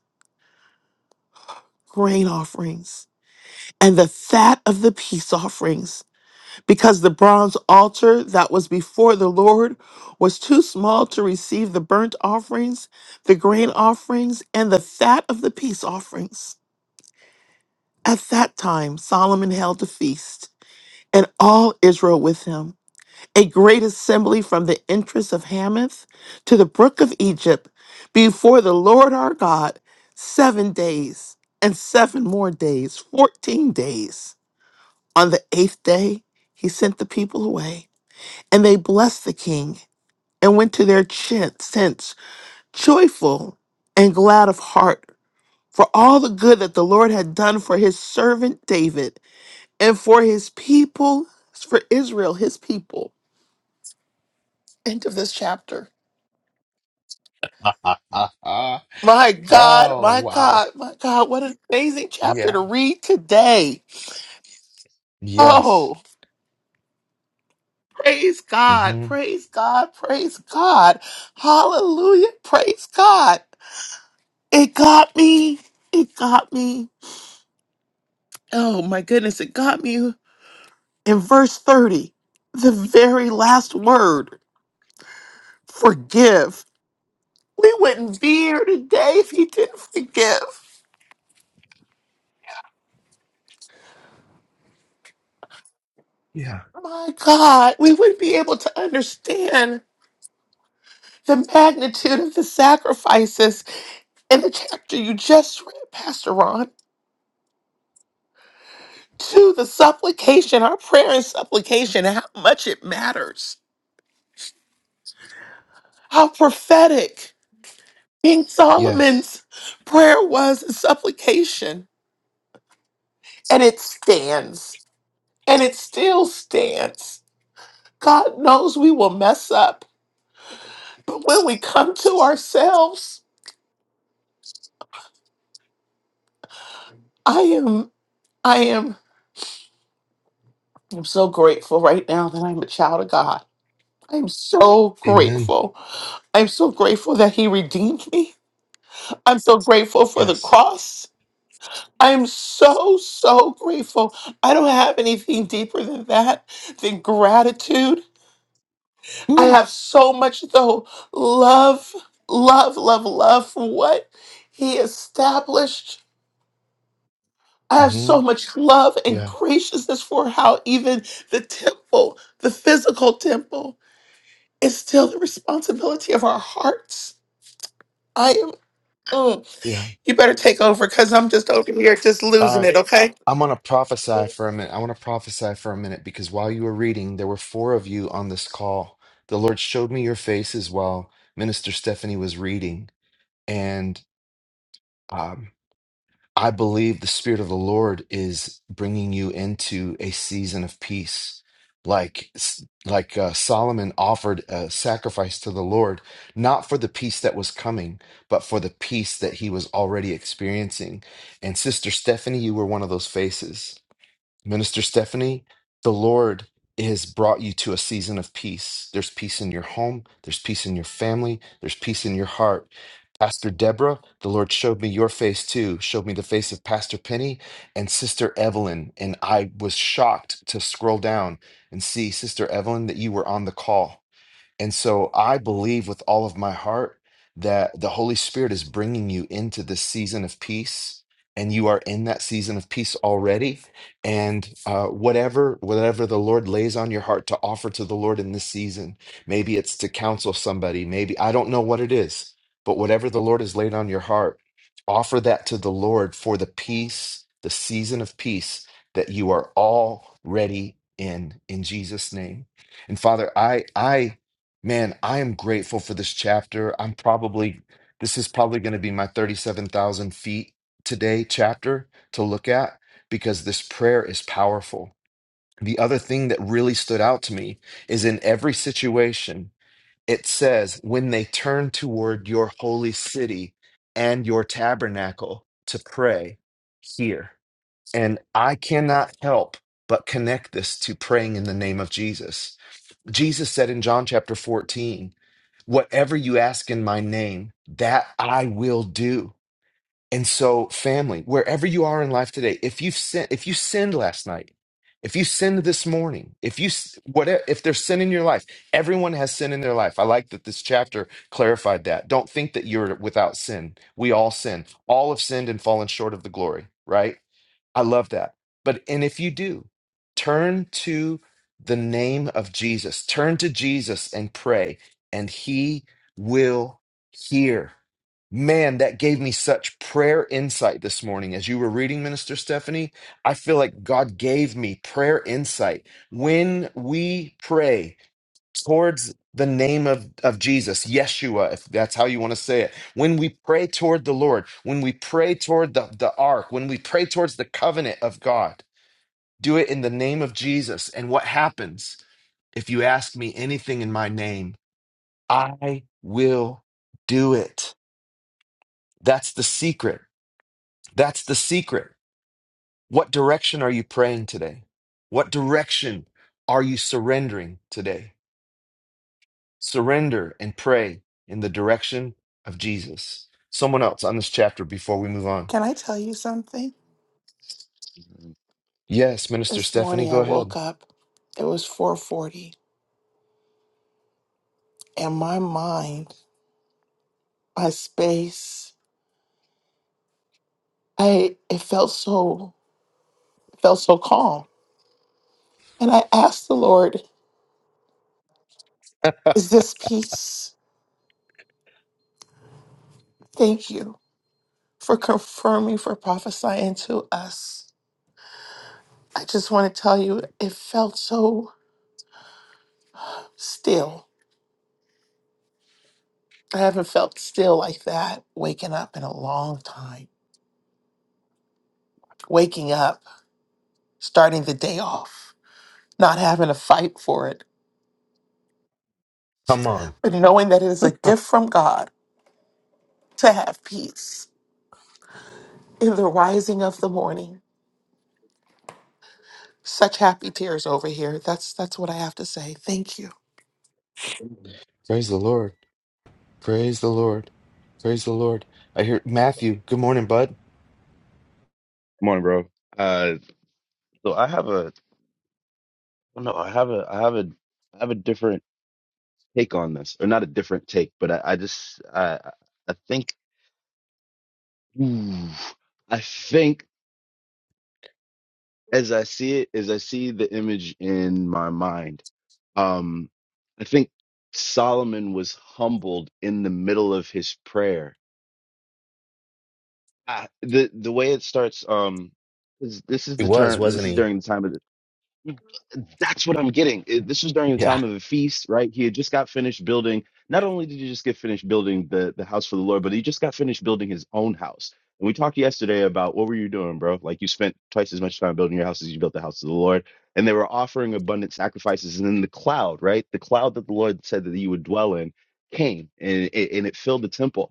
Speaker 5: grain offerings, and the fat of the peace offerings. because the bronze altar that was before the Lord was too small to receive the burnt offerings, the grain offerings, and the fat of the peace offerings. At that time, Solomon held a feast, and all Israel with him, a great assembly from the entrance of Hamath to the brook of Egypt, before the Lord our God, seven days, and seven more days, fourteen days. On the eighth day, he sent the people away. And they blessed the king and went to their ch- tents joyful and glad of heart for all the good that the Lord had done for his servant David and for his people, for Israel, his people. End of this chapter.
Speaker 1: oh
Speaker 5: My God, my
Speaker 1: wow!
Speaker 5: God, my God, what an amazing chapter
Speaker 1: Yeah.
Speaker 5: to read today.
Speaker 1: Yes.
Speaker 5: Oh, praise God,
Speaker 1: hmm
Speaker 5: praise God, praise God. Hallelujah, praise God. It got me, it got me. Oh my goodness, it got me. In verse 30, the very last word, forgive. We wouldn't be here today if he didn't forgive.
Speaker 1: Yeah.
Speaker 5: My God, we wouldn't be able to understand the magnitude of the sacrifices in the chapter you just read, Pastor Ron, to the supplication, our prayer and supplication, how much it matters, how prophetic King
Speaker 1: Yes.
Speaker 5: Solomon's prayer was and supplication. and it stands and it still stands. God knows we will mess up, but when we come to ourselves, I am, I am, I'm so grateful right now that I'm a child of God. I'm so
Speaker 1: Amen.
Speaker 5: grateful. I'm so grateful that He redeemed me. I'm so grateful for the
Speaker 1: Yes.
Speaker 5: cross. I'm so, so grateful. I don't have anything deeper than that, than gratitude. I
Speaker 1: Woo.
Speaker 5: have so much though love, love, love, love for what he established. I have so much love and
Speaker 1: Yeah,
Speaker 5: graciousness for how even the temple, the physical temple, is still the responsibility of our hearts. I am. mm,
Speaker 1: yeah.
Speaker 5: you better take over because I'm just over here just losing
Speaker 1: Uh,
Speaker 5: it. Okay.
Speaker 1: I'm going to prophesy for a minute. I want to prophesy for a minute because while you were reading, there were four of you on this call. The Lord showed me your faces while Minister Stephanie was reading. And um, I believe the Spirit of the Lord is bringing you into a season of peace. Like, like uh, Solomon offered a sacrifice to the Lord, not for the peace that was coming, but for the peace that he was already experiencing. And Sister Stephanie, you were one of those faces. Minister Stephanie, the Lord has brought you to a season of peace. There's peace in your home, there's peace in your family, there's peace in your heart. Pastor Deborah, the Lord showed me your face too, showed me the face of Pastor Penny and Sister Evelyn. And I was shocked to scroll down and see, Sister Evelyn, that you were on the call. And so I believe with all of my heart that the Holy Spirit is bringing you into this season of peace and you are in that season of peace already and uh, whatever whatever the lord lays on your heart to offer to the lord in this season maybe it's to counsel somebody maybe i don't know what it is but whatever the lord has laid on your heart offer that to the lord for the peace the season of peace that you are already in in jesus name and father i i Man, I am grateful for this chapter. I'm probably, this is probably going to be my 37,000 feet today chapter to look at because this prayer is powerful. The other thing that really stood out to me is in every situation, it says, when they turn toward your holy city and your tabernacle to pray here. And I cannot help but connect this to praying in the name of Jesus Jesus said in John chapter 14, Whatever you ask in my name, that I will do. And so, family, wherever you are in life today, if you've sin, if you sinned last night, if you sinned this morning, if you whatever, if there's sin in your life, everyone has sin in their life. I like that this chapter clarified that. Don't think that you're without sin. We all sin. All have sinned and fallen short of the glory. Right? I love that. But and if you do, turn to the name of Jesus. Turn to Jesus and pray, and He will hear. Man, that gave me such prayer insight this morning. As you were reading, Minister Stephanie, I feel like God gave me prayer insight. When we pray towards the name of, of Jesus, Yeshua, if that's how you want to say it, when we pray toward the Lord, when we pray toward the, the ark, when we pray towards the covenant of God, do it in the name of Jesus. And what happens? If you ask me anything in my name, I will do it. That's the secret. That's the secret. What direction are you praying today? What direction are you surrendering today? Surrender and pray in the direction of Jesus. Someone else on this chapter before we move on.
Speaker 5: Can I tell you something?
Speaker 6: Good
Speaker 1: Yes, Minister
Speaker 5: This
Speaker 1: Stephanie,
Speaker 5: morning
Speaker 1: go
Speaker 5: I
Speaker 1: ahead.
Speaker 5: woke up. It was 4:40, and my mind, my space. I it felt so it felt so calm. And I asked the Lord, is this peace? Thank you for confirming for prophesying to us. I just want to tell you it felt so still. I haven't felt still like that waking up in a long time. Waking up, starting the day off, not having to fight for it,
Speaker 1: Come on.
Speaker 5: but knowing that it is a gift from God to have peace in the rising of the morning Such happy tears over here. That's that's what I have to say. Thank you.
Speaker 1: Praise the Lord. Praise the Lord. Praise the Lord. I hear Matthew. Good morning, bud.
Speaker 6: morning, bro. Uh, so I have a, oh no, I have a, I have a, I have a different take on this, or not a different take, but I, I just, I, I I think, ooh, I think as I see it, as I see the image in my mind, um, I think Solomon was humbled in the middle of his prayer. I, the the way it starts, um, is this is
Speaker 1: He
Speaker 6: the
Speaker 1: was,
Speaker 6: turn. This
Speaker 1: wasn't
Speaker 6: is
Speaker 1: he?
Speaker 6: during the time of the That's what I'm getting. It- This was during the
Speaker 1: Yeah.
Speaker 6: time of the feast, right? He had just got finished building. Not only did he just get finished building the, the house for the Lord, but he just got finished building his own house. And we talked yesterday about what were you doing, bro? Like you spent twice as much time building your house as you built the house of the Lord. And they were offering abundant sacrifices. And then the cloud, right? The cloud that the Lord said that you would dwell in came and it, and it filled the temple.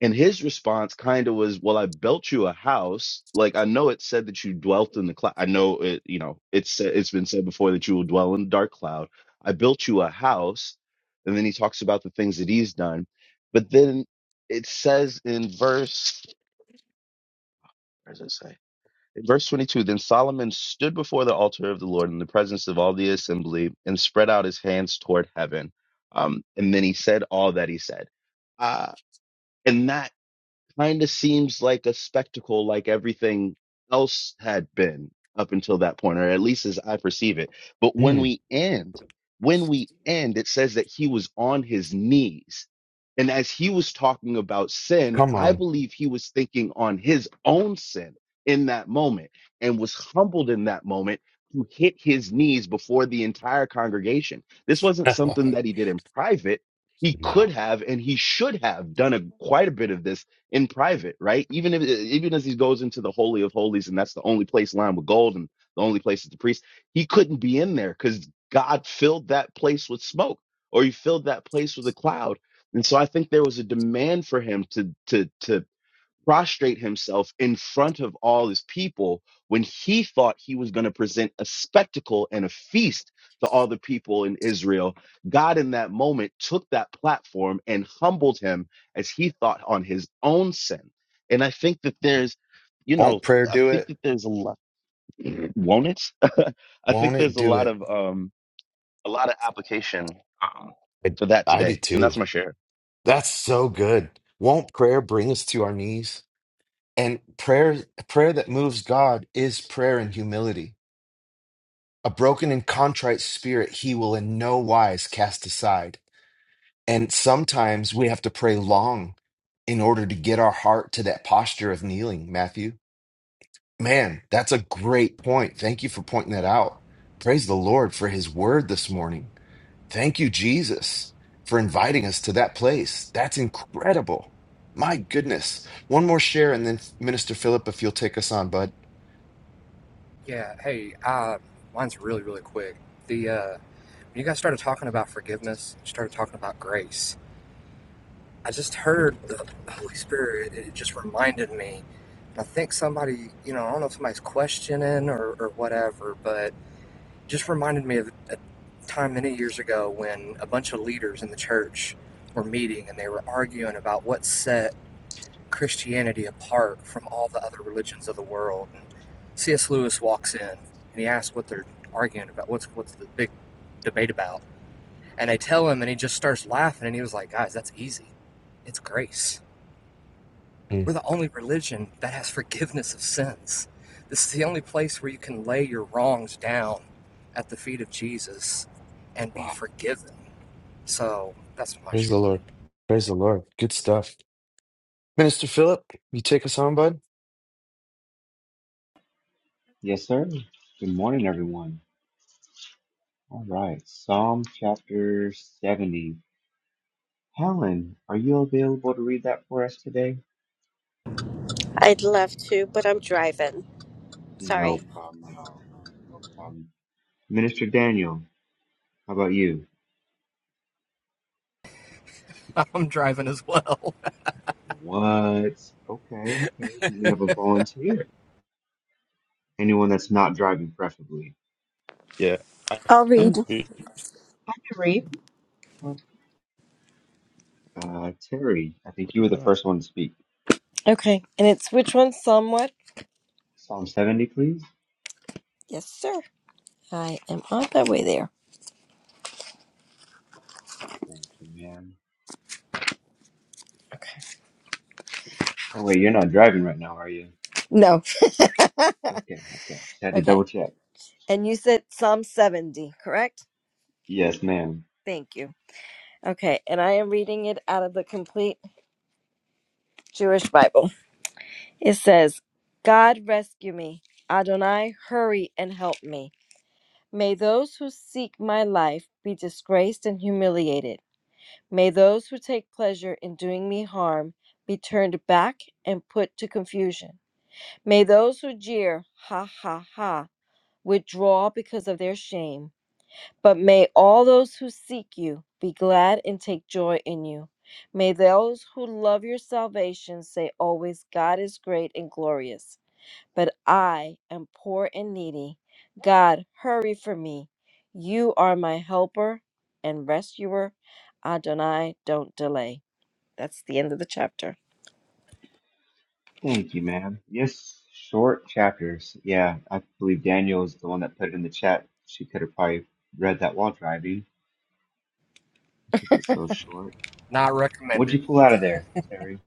Speaker 6: And his response kind of was, "Well, I built you a house. Like I know it said that you dwelt in the cloud. I know it. You know, it's it's been said before that you will dwell in the dark cloud. I built you a house." And then he talks about the things that he's done, but then it says in verse, where does it say? In verse 22, then Solomon stood before the altar of the Lord in the presence of all the assembly and spread out his hands toward heaven. Um, and then he said all that he said. Uh, and that kind of seems like a spectacle like everything else had been up until that point, or at least as I perceive it. But when
Speaker 1: Mm,
Speaker 6: we end, when we end, it says that he was on his knees. And as he was talking about sin,
Speaker 1: come
Speaker 6: I
Speaker 1: on.
Speaker 6: believe he was thinking on his own sin in that moment and was humbled in that moment to hit his knees before the entire congregation. This wasn't something that he did in private. He
Speaker 1: no.
Speaker 6: could have and he should have done a, quite a bit of this in private, right? Even if even as he goes into the holy of holies, and that's the only place lined with gold, and the only place is the priest, he couldn't be in there because God filled that place with smoke, or he filled that place with a cloud. And so I think there was a demand for him to to to prostrate himself in front of all his people when he thought he was going to present a spectacle and a feast to all the people in Israel. God, in that moment, took that platform and humbled him as he thought on his own sin. And I think that there's, you
Speaker 1: Won't
Speaker 6: know,
Speaker 1: prayer
Speaker 6: I
Speaker 1: do
Speaker 6: think
Speaker 1: it?
Speaker 6: that there's a lot, won't it? I
Speaker 1: Won't
Speaker 6: think
Speaker 1: it
Speaker 6: there's a
Speaker 1: do
Speaker 6: lot
Speaker 1: it?
Speaker 6: of, um, a lot of application um,
Speaker 1: I,
Speaker 6: for that
Speaker 1: I do
Speaker 6: today. And
Speaker 1: too.
Speaker 6: that's my share.
Speaker 1: That's so good. Won't prayer bring us to our knees? And prayer prayer that moves God is prayer in humility. A broken and contrite spirit he will in no wise cast aside. And sometimes we have to pray long in order to get our heart to that posture of kneeling, Matthew. Man, that's a great point. Thank you for pointing that out. Praise the Lord for his word this morning. Thank you, Jesus, for inviting us to that place. That's incredible. My goodness. One more share, and then Minister Philip, if you'll take us on, bud.
Speaker 3: Yeah, hey, uh, mine's really, really quick. The uh, when you guys started talking about forgiveness, you started talking about grace. I just heard the Holy Spirit. It just reminded me. And I think somebody, you know, I don't know if somebody's questioning or, or whatever, but just reminded me of a time many years ago when a bunch of leaders in the church were meeting and they were arguing about what set Christianity apart from all the other religions of the world. And C.S. Lewis walks in and he asks what they're arguing about. What's what's the big debate about? And they tell him, and he just starts laughing. And he was like, "Guys, that's easy. It's grace."
Speaker 1: Mm.
Speaker 3: We're the only religion that has forgiveness of sins. This is the only place where you can lay your wrongs down at the feet of Jesus and be
Speaker 1: Wow.
Speaker 3: forgiven. So that's my
Speaker 1: Praise
Speaker 3: share.
Speaker 1: the Lord. Praise the Lord. Good stuff. Minister Philip, you take us on, bud?
Speaker 7: Yes, sir. Good morning, everyone. All right. Psalm chapter 70. Helen, are you available to read that for us today?
Speaker 8: I'd love to, but I'm driving. Sorry.
Speaker 7: No problem at all. No problem. Minister Daniel, how about you?
Speaker 3: I'm driving as well.
Speaker 7: What? Okay, okay. Do we have a volunteer? Anyone that's not driving, preferably.
Speaker 6: Yeah. I
Speaker 9: I'll read.
Speaker 6: can read-
Speaker 10: Three.
Speaker 7: Uh, Terry, I think
Speaker 6: Look
Speaker 7: you
Speaker 6: at
Speaker 7: were the
Speaker 6: that.
Speaker 7: first one to speak.
Speaker 9: Okay. And it's which one? Psalm what?
Speaker 7: Psalm 70, please.
Speaker 9: Yes, sir. I am on my way there.
Speaker 7: Thank you, ma'am.
Speaker 9: Okay.
Speaker 7: Oh, wait, you're not driving right now, are you?
Speaker 9: No.
Speaker 7: Okay, okay. Just had to double
Speaker 9: Okay.
Speaker 7: check.
Speaker 9: And you said Psalm 70, correct?
Speaker 7: Yes, ma'am.
Speaker 9: Thank you. Okay. And I am reading it out of the complete Jewish Bible. It says, God rescue me. Adonai, hurry and help me. May those who seek my life be disgraced and humiliated. May those who take pleasure in doing me harm be turned back and put to confusion. May those who jeer, ha ha ha, withdraw because of their shame. But may all those who seek you be glad and take joy in you. May those who love your salvation say always, God is great and glorious. But I am poor and needy. God, hurry for me. You are my helper and rescuer. Adonai, don't delay. That's the end of the chapter.
Speaker 7: Thank you, man. Yes, short chapters. Yeah, I believe Daniel is the one that put it in the chat. She could have probably read that while driving because it's so short.
Speaker 3: Not recommended.
Speaker 7: What'd you pull out of there, Terry?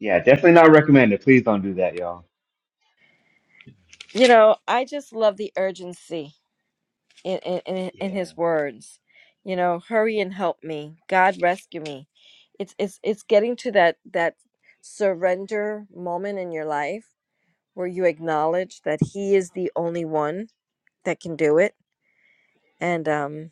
Speaker 7: Yeah, definitely not recommended. Please don't do that, y'all.
Speaker 9: You know, I just love the urgency in, in, in
Speaker 7: Yeah.
Speaker 9: his words you know hurry and help me god rescue me it's it's it's getting to that that surrender moment in your life where you acknowledge that he is the only one that can do it and um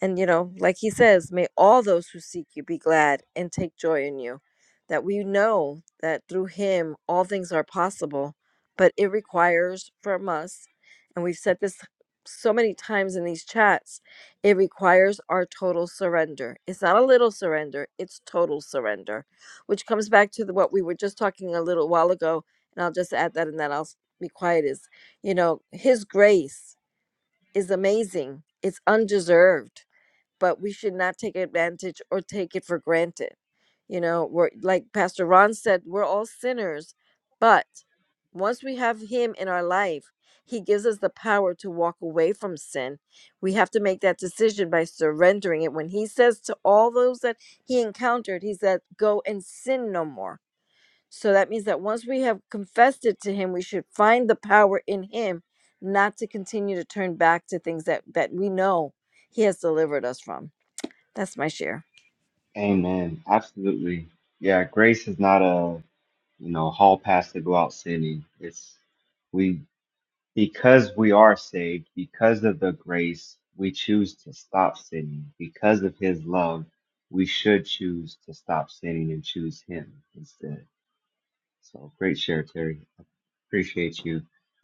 Speaker 9: and, you know, like he says, may all those who seek you be glad and take joy in you. That we know that through him all things are possible, but it requires from us, and we've said this so many times in these chats, it requires our total surrender. It's not a little surrender, it's total surrender, which comes back to the, what we were just talking a little while ago. And I'll just add that and then I'll s- be quiet is, you know, his grace is amazing, it's undeserved but we should not take advantage or take it for granted. You know, we're like Pastor Ron said, we're all sinners, but once we have him in our life, he gives us the power to walk away from sin. We have to make that decision by surrendering it. When he says to all those that he encountered, he said, Go and sin no more. So that means that once we have confessed it to him, we should find the power in him not to continue to turn back to things that, that we know he has delivered us from. That's my share.
Speaker 7: Amen. Absolutely. Yeah, grace is not a, you know, hall pass to go out sinning. It's we Because we are saved, because of the grace, we choose to stop sinning. Because of his love, we should choose to stop sinning and choose him instead. So great share, Terry. Appreciate you.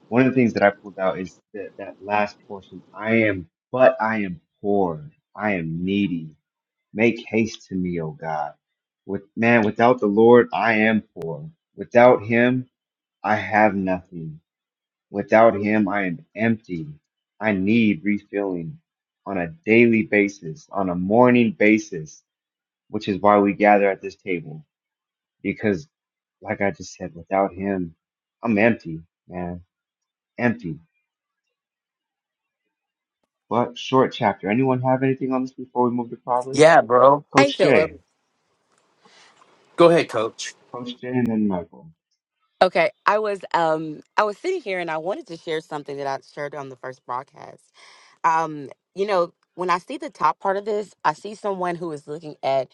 Speaker 7: One of the things that I pulled out is that, that last portion I am, but I am poor. I am needy. Make haste to me, O God. With man, without the Lord, I am poor. Without him, I have nothing. Without him, I am empty. I need refilling on a daily basis, on a morning basis, which is why we gather at this table. Because, like I just said, without him, I'm empty, man. Empty. But short chapter. Anyone have anything on this before we move to Proverbs?
Speaker 4: Yeah, bro.
Speaker 10: Hey,
Speaker 7: Coach
Speaker 10: Philip.
Speaker 7: Jay.
Speaker 4: Go ahead, coach.
Speaker 7: Coach Jay and then Michael.
Speaker 10: Okay, I was um I was sitting here and I wanted to share something that I shared on the first broadcast. Um, you know, when I see the top part of this, I see someone who is looking at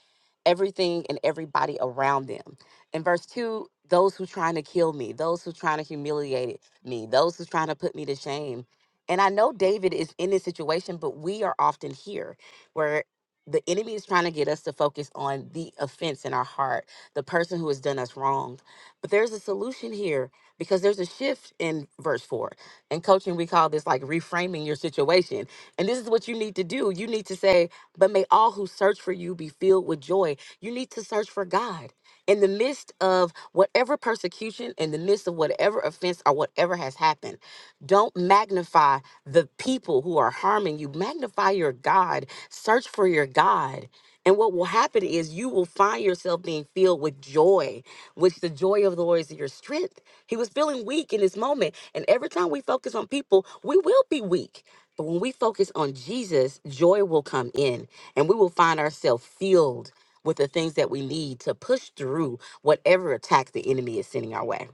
Speaker 10: everything and everybody around them. In verse 2, those who trying to kill me, those who trying to humiliate me, those who trying to put me to shame. And I know David is in this situation, but we are often here where the enemy is trying to get us to focus on the offense in our heart, the person who has done us wrong. But there's a solution here because there's a shift in verse 4 in coaching, we call this like reframing your situation. And this is what you need to do. You need to say, but may all who search for you be filled with joy. You need to search for God. In the midst of whatever persecution, in the midst of whatever offense or whatever has happened, don't magnify the people who are harming you. Magnify your God. Search for your God. And what will happen is you will find yourself being filled with joy, which the joy of the Lord is your strength. He was feeling weak in this moment and every time we focus on people, we will be weak. But when we focus on Jesus, joy will come in and we will find ourselves filled with the things that we need to push through whatever attack the enemy is sending our way.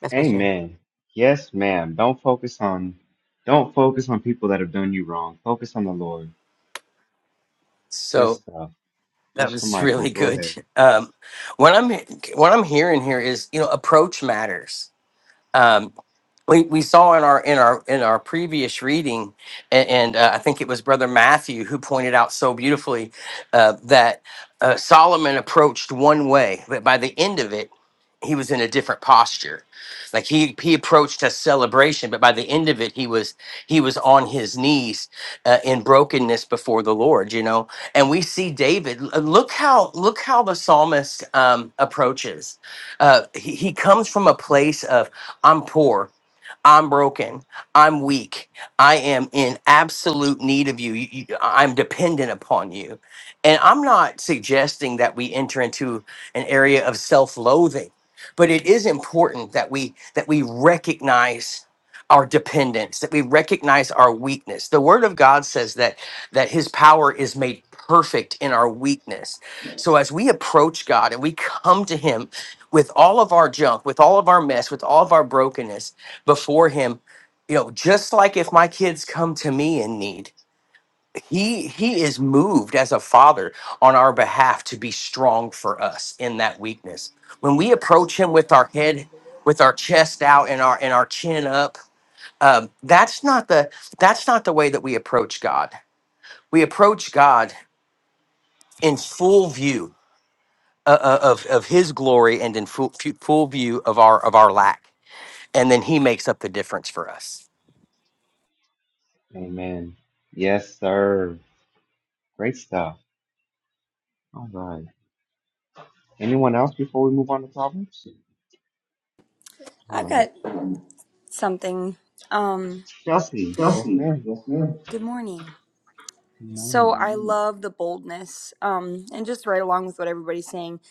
Speaker 10: That's my share.
Speaker 7: Amen. Yes, ma'am. Don't focus on don't focus on people that have done you wrong. Focus on the Lord. Good
Speaker 4: So
Speaker 7: stuff.
Speaker 4: that
Speaker 7: Minister
Speaker 4: was
Speaker 7: Michael,
Speaker 4: really
Speaker 7: go
Speaker 4: good.
Speaker 7: ahead.
Speaker 4: Um, what I'm what I'm hearing here is, you know, approach matters Um, we, we saw in our in our in our previous reading, and, and uh, I think it was Brother Matthew who pointed out so beautifully uh, that uh, Solomon approached one way, but by the end of it, he was in a different posture. Like he he approached a celebration, but by the end of it, he was he was on his knees uh, in brokenness before the Lord. You know, and we see David. l- Look how look how the psalmist um, approaches. Uh, he, he comes from a place of I'm poor. I'm broken. I'm weak. I am in absolute need of you. You- you- I'm dependent upon you. And I'm not suggesting that we enter into an area of self-loathing, but it is important that we that we recognize our dependence, that we recognize our weakness. The word of God says that that his power is made perfect in our weakness. So as we approach God and we come to him with all of our junk, with all of our mess, with all of our brokenness, before him you know just like if my kids come to me in need he he is moved as a father on our behalf to be strong for us in that weakness when we approach him with our head with our chest out and our and our chin up um, that's not the that's not the way that we approach god we approach god in full view uh, uh, of of his glory and in full, full view of our of our lack and then he makes up the difference for us
Speaker 7: Amen. Yes, sir. Great stuff. All right. Anyone else before we move on to Proverbs? All
Speaker 11: I've
Speaker 7: right.
Speaker 11: got something. Um,
Speaker 7: Chelsea. Yes,
Speaker 11: Chelsea,
Speaker 7: ma'am.
Speaker 11: yes, ma'am. good morning.
Speaker 7: Good
Speaker 11: So
Speaker 7: morning.
Speaker 11: I Mhm. love the boldness. Um, and just right along with what everybody's saying,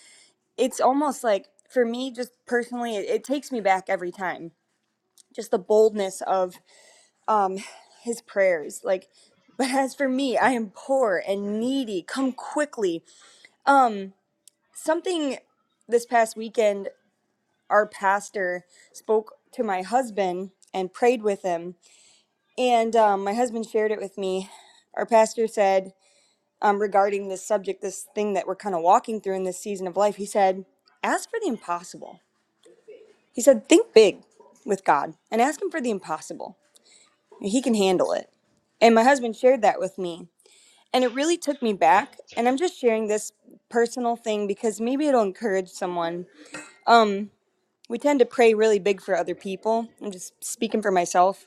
Speaker 11: it's almost like for me, just personally, it, it takes me back every time. Just the boldness of um his prayers. Like, but as for me, I am poor and needy. Come quickly. Um, something this past weekend, our pastor spoke to my husband and prayed with him And um, my husband shared it with me. Our pastor said, um, regarding this subject, this thing that we're kind of walking through in this season of life, he said, ask for the impossible. He said, think big with God and ask Him for the impossible. He can handle it. And my husband shared that with me. And it really took me back. And I'm just sharing this personal thing because maybe it'll encourage someone. Um, we tend to pray really big for other people. I'm just speaking for myself.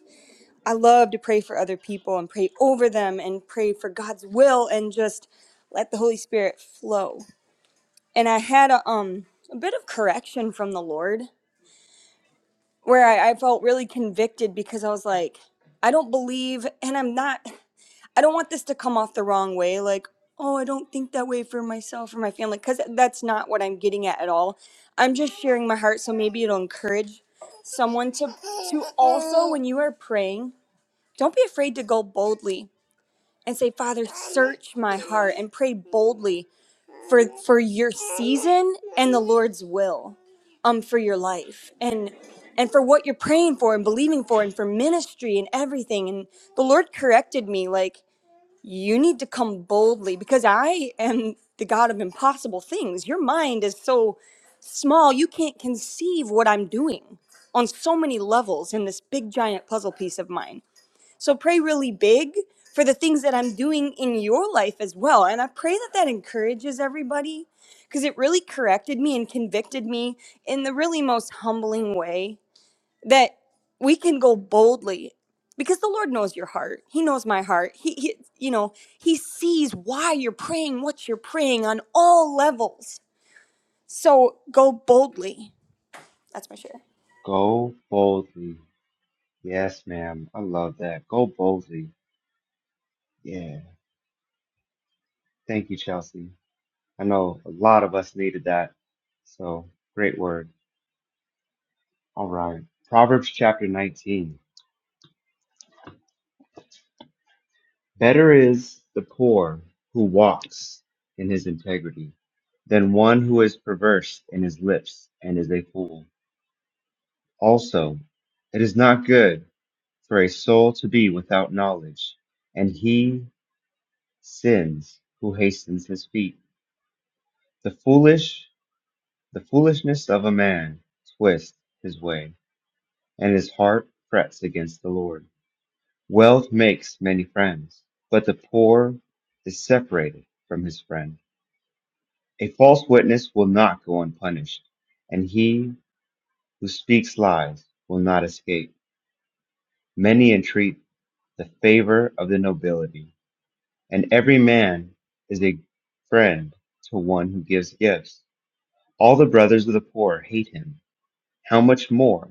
Speaker 11: I love to pray for other people and pray over them and pray for God's will and just let the Holy Spirit flow. And I had a, um a bit of correction from the Lord where I, I felt really convicted because I was like, I don't believe, and I'm not. I don't want this to come off the wrong way, like. Oh, I don't think that way for myself or my family, because that's not what I'm getting at at all. I'm just sharing my heart, so maybe it'll encourage someone to to also, when you are praying, don't be afraid to go boldly and say, Father, search my heart and pray boldly for, for your season and the Lord's will um, for your life and, and for what you're praying for and believing for and for ministry and everything. And the Lord corrected me, like, you need to come boldly because I am the God of impossible things. Your mind is so small, you can't conceive what I'm doing on so many levels in this big giant puzzle piece of mine so pray really big for the things that I'm doing in your life as well. And I pray that that encourages everybody because it really corrected me and convicted me in the really most humbling way that we can go boldly because the Lord knows your heart. He knows my heart. He, he you know, he sees why you're praying, what you're praying on all levels. So go boldly. That's my share.
Speaker 7: Go boldly. Yes, ma'am. I love that. Go boldly. Yeah. Thank you, Chelsea. I know a lot of us needed that. So great word. All right. Proverbs chapter 19. Better is the poor who walks in his integrity than one who is perverse in his lips and is a fool. Also, it is not good for a soul to be without knowledge, and he sins who hastens his feet. The foolish, the foolishness of a man twists his way, and his heart frets against the Lord. Wealth makes many friends, but the poor is separated from his friend. A false witness will not go unpunished, and he who speaks lies will not escape. Many entreat the favor of the nobility, and every man is a friend to one who gives gifts. All the brothers of the poor hate him. How much more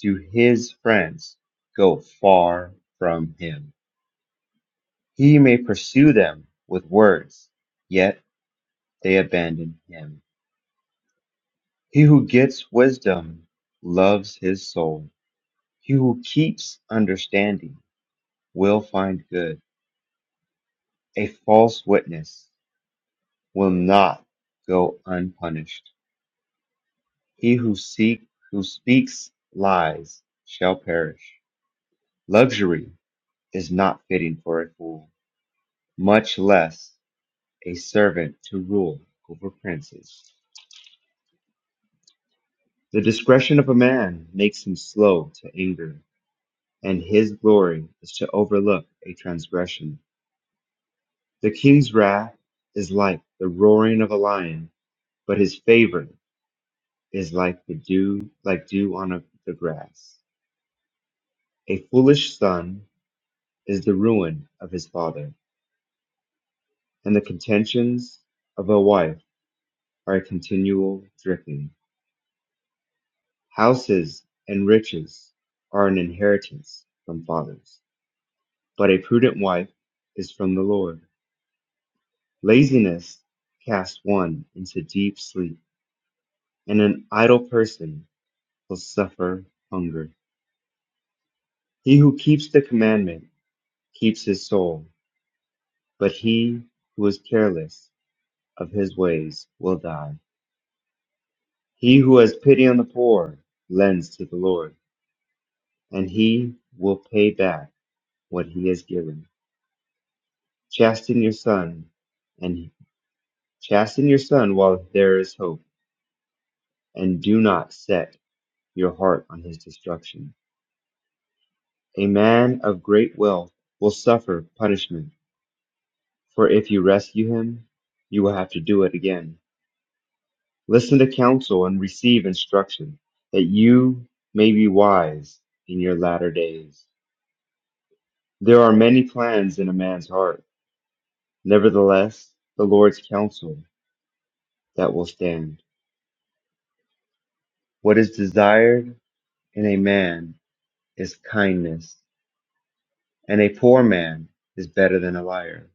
Speaker 7: do his friends go far from him? He may pursue them with words, yet they abandon him. He who gets wisdom loves his soul He who keeps understanding will find good. A false witness will not go unpunished. He who seek who speaks lies shall perish. Luxury is not fitting for a fool, much less a servant to rule over princes. The discretion of a man makes him slow to anger, and his glory is to overlook a transgression. The king's wrath is like the roaring of a lion but his favor is like the dew like dew on a, the grass a foolish son is the ruin of his father and the contentions of a wife are a continual dripping houses and riches are an inheritance from fathers but a prudent wife is from the lord laziness casts one into deep sleep and an idle person will suffer hunger he who keeps the commandment keeps his soul But he who is careless of his ways will die. He who has pity on the poor lends to the Lord, and he will pay back what he has given. Chasten your son, and chasten your son while there is hope, and do not set your heart on his destruction. A man of great wealth will suffer punishment, for if you rescue him, you will have to do it again. Listen to counsel and receive instruction, that you may be wise in your latter days. There are many plans in a man's heart. Nevertheless, the Lord's counsel that will stand. What is desired in a man is kindness, and a poor man is better than a liar.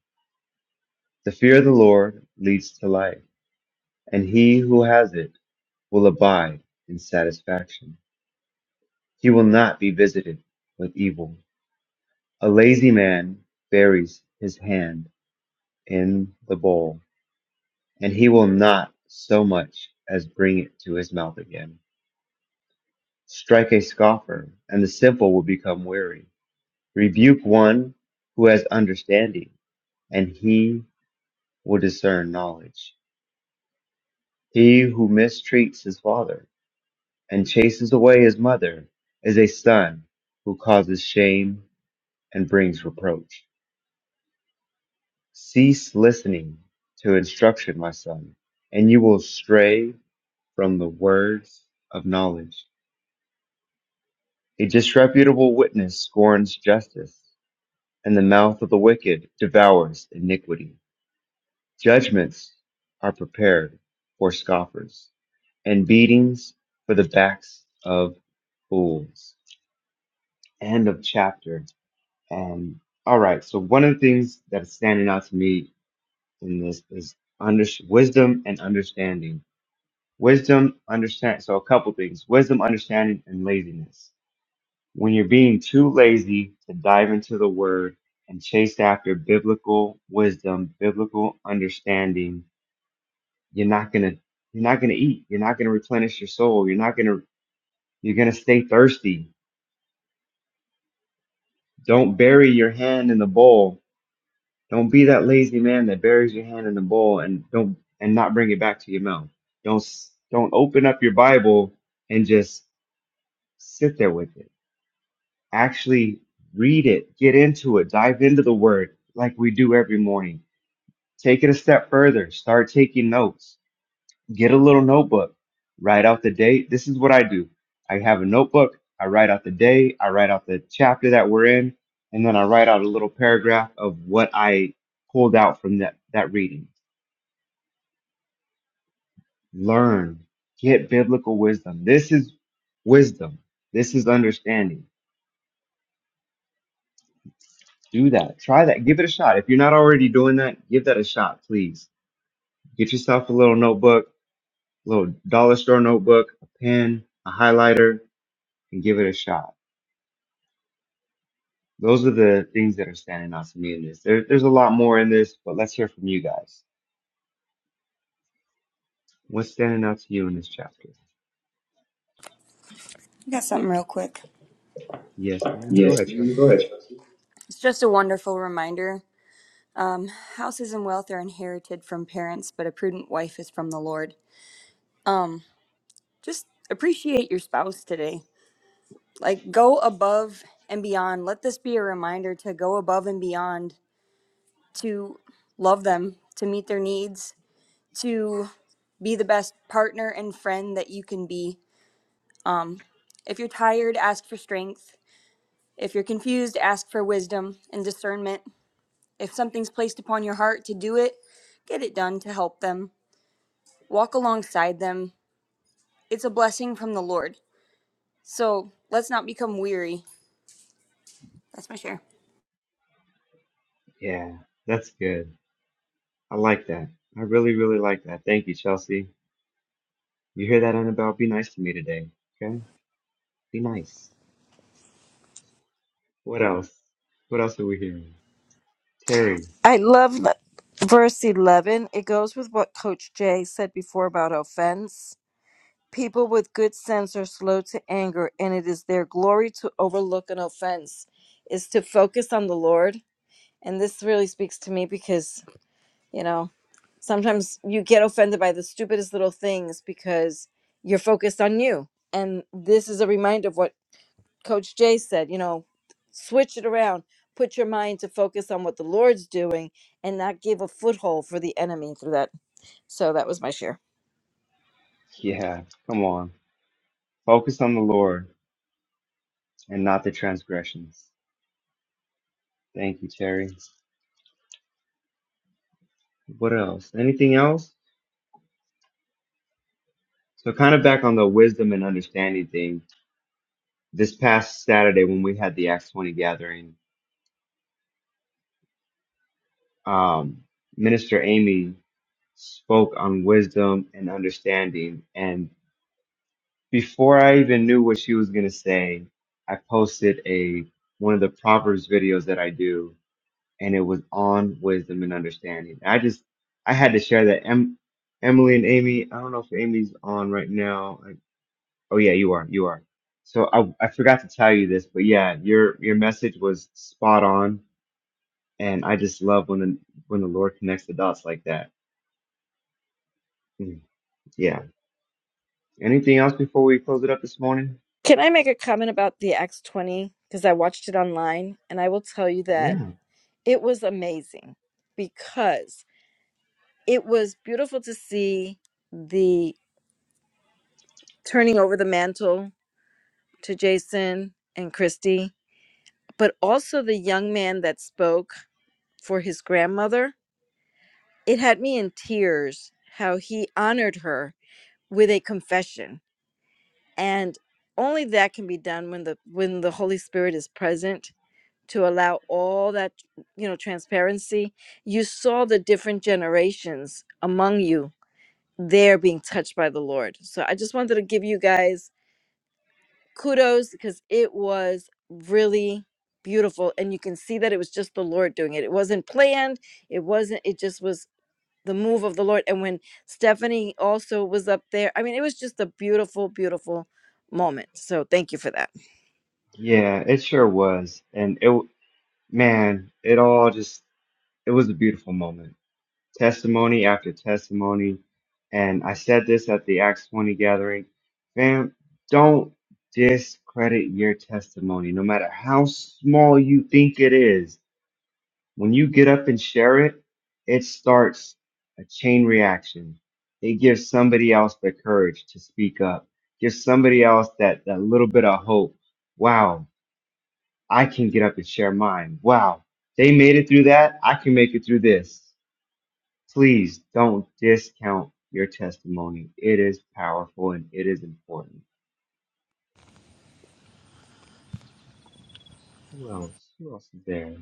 Speaker 7: The fear of the Lord leads to life, and he who has it will abide in satisfaction. He will not be visited with evil. A lazy man buries his hand in the bowl, and he will not so much as bring it to his mouth again. Strike a scoffer, and the simple will become weary. Rebuke one who has understanding, and he will discern knowledge. He who mistreats his father and chases away his mother is a son who causes shame and brings reproach. Cease listening to instruction, my son, and you will stray from the words of knowledge. A disreputable witness scorns justice, and the mouth of the wicked devours iniquity. Judgments are prepared for scoffers, and beatings for the backs of fools. End of chapter. Um, all right, so one of the things that's standing out to me in this is under- wisdom and understanding Wisdom, understand. So a couple things: wisdom, understanding, and laziness. When you're being too lazy to dive into the Word and chase after biblical wisdom, biblical understanding, you're not gonna you're not gonna eat. You're not gonna replenish your soul. You're not gonna you're gonna stay thirsty. Don't bury your hand in the bowl. Don't be that lazy man that buries your hand in the bowl and don't and not bring it back to your mouth. Don't s- don't open up your Bible and just sit there with it actually read it, get into it, dive into the word like we do every morning. Take it a step further, start taking notes, get a little notebook, write out the day. This is what I do I have a notebook, I write out the day, I write out the chapter that we're in, and then I write out a little paragraph of what I pulled out from that, that reading. Learn, get biblical wisdom. This is wisdom, this is understanding Do that. Try that. Give it a shot. If you're not already doing that, give that a shot, please. Get yourself a little notebook, a little dollar store notebook, a pen, a highlighter, and give it a shot. Those are the things that are standing out to me in this. There, there's a lot more in this, but let's hear from you guys. What's standing out to you in this chapter?
Speaker 11: I got something real quick.
Speaker 7: Yes, ma'am. Go ahead,
Speaker 11: Yes, ma'am. Go
Speaker 7: Chelsea.
Speaker 11: ahead. It's just a wonderful reminder. Um, houses and wealth are inherited from parents, but a prudent wife is from the Lord. Um, just appreciate your spouse today. Like, go above and beyond. Let this be a reminder to go above and beyond, to love them, to meet their needs, to be the best partner and friend that you can be. Um, if you're tired, ask for strength. If you're confused, ask for wisdom and discernment. If something's placed upon your heart to do it, get it done to help them. Walk alongside them it's a blessing from the Lord. So let's not become weary. That's my share.
Speaker 7: Yeah, that's good. I like that. I really, really like that. Thank you, Chelsea. You hear that, Annabelle? Be nice to me today. Okay? Be nice. What else? What else are we hearing? Terry,
Speaker 9: I love le- verse 11. It goes with what Coach Jay said before about offense. People with good sense are slow to anger, and it is their glory to overlook an offense, is to focus on the Lord. And this really speaks to me because, you know, sometimes you get offended by the stupidest little things because you're focused on you. And this is a reminder of what. Coach Jay said, you know, switch it around. Put your mind to focus on what the Lord's doing and not give a foothold for the enemy through that. So that was my share.
Speaker 7: yeah, come on. Focus on the Lord and not the transgressions. Thank you, Terry. What else? Anything else? So, kind of back on the wisdom and understanding thing, this past Saturday when we had the Acts 20 gathering, um, Minister Amy spoke on wisdom and understanding. And before I even knew what she was going to say, I posted a one of the Proverbs videos that I do and it was on wisdom and understanding. I just I had to share that. Em, Emily and Amy, I don't know if Amy's on right now. I, oh yeah, you are. You are. So I I forgot to tell you this, but yeah, your your message was spot on, and I just love when the, when the Lord connects the dots like that. Mm, Yeah. Anything else before we close it up this morning?
Speaker 9: Can I make a comment about the Acts 20? Because I watched it online and I will tell you that
Speaker 7: Yeah.
Speaker 9: it was amazing because it was beautiful to see the turning over the mantle to Jason and Christy, but also the young man that spoke for his grandmother it had me in tears how he honored her with a confession and only that can be done when the when the holy spirit is present to allow all that you know transparency you saw the different generations among you there being touched by the lord so i just wanted to give you guys kudos because it was really beautiful and you can see that it was just the lord doing it it wasn't planned it wasn't it just was the move of the Lord. And when Stephanie also was up there, I mean, it was just a beautiful, beautiful moment. So thank you for that.
Speaker 7: Yeah, it sure was, and it w- man, it all just it was a beautiful moment testimony after testimony. And I said this at the Acts 20 gathering. Fam, don't discredit your testimony, no matter how small you think it is. When you get up and share it, it starts a chain reaction. It gives somebody else the courage to speak up, gives somebody else that, that little bit of hope. Wow, I can get up and share mine. Wow, they made it through that. I can make it through this. Please don't discount your testimony. It is powerful and it is important. Who else? Who else is there?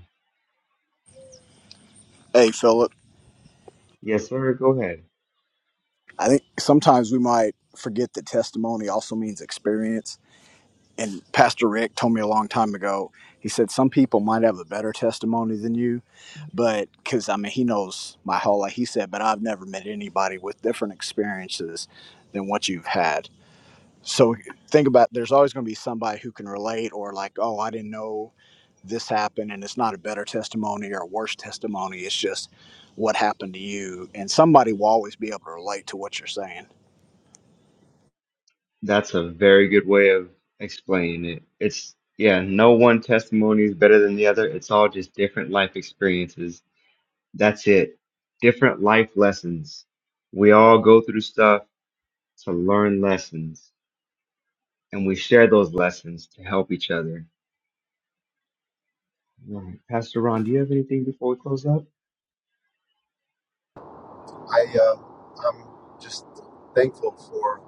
Speaker 12: Hey, Philip.
Speaker 7: Yes, sir. Go ahead.
Speaker 12: I think sometimes we might forget that testimony also means experience. And Pastor Rick told me a long time ago, he said, Some people might have a better testimony than you, but because I mean, he knows my whole life. He said, But I've never met anybody with different experiences than what you've had. So think about there's always going to be somebody who can relate or like, Oh, I didn't know this happened. And it's not a better testimony or a worse testimony. It's just what happened to you. And somebody will always be able to relate to what you're saying.
Speaker 7: That's a very good way of explaining it. It's, yeah, no one testimony is better than the other. It's all just different life experiences. That's it. Different life lessons. We all go through stuff to learn lessons, and we share those lessons to help each other. All right. Pastor Ron, do you have anything before we close up?
Speaker 1: I, uh, I'm just thankful for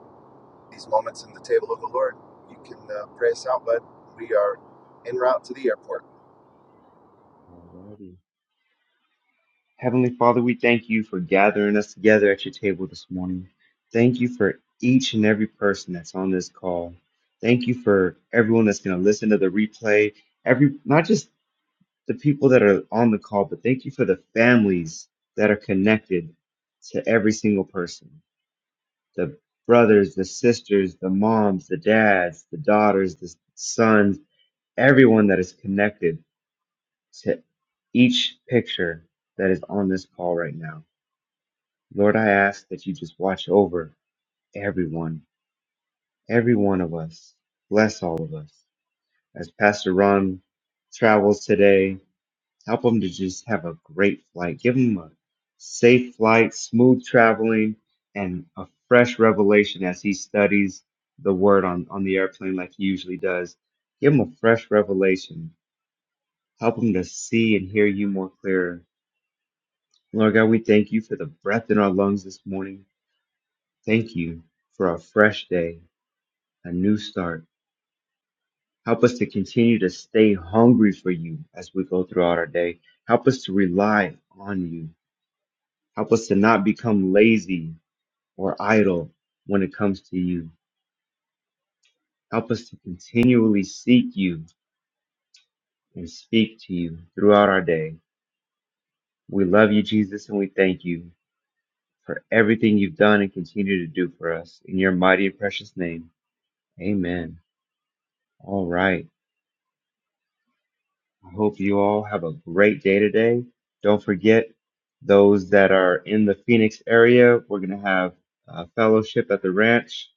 Speaker 1: these moments in the table of the Lord. You can uh, pray us out, bud. We are en route to the airport.
Speaker 7: Alrighty. Heavenly Father, we thank you for gathering us together at your table this morning. Thank you for each and every person that's on this call. Thank you for everyone that's going to listen to the replay. Every not just the people that are on the call, but thank you for the families that are connected to every single person. The brothers, the sisters, the moms, the dads, the daughters, the sons, everyone that is connected to each picture that is on this call right now. Lord, I ask that you just watch over everyone, every one of us. Bless all of us. As Pastor Ron travels today, help him to just have a great flight. Give him a safe flight, smooth traveling, and a fresh revelation as he studies the word on, on the airplane like he usually does. Give him a fresh revelation Help them to see and hear you more clearer. Lord God, we thank you for the breath in our lungs this morning. Thank you for a fresh day, a new start. Help us to continue to stay hungry for you as we go throughout our day. Help us to rely on you. Help us to not become lazy or idle when it comes to you. Help us to continually seek you and speak to you throughout our day. We love you, Jesus, and we thank you. for everything you've done and continue to do for us. In your mighty and precious name, amen. All right. I hope you all have a great day today. Don't forget those that are in the Phoenix area, we're going to have a fellowship at the ranch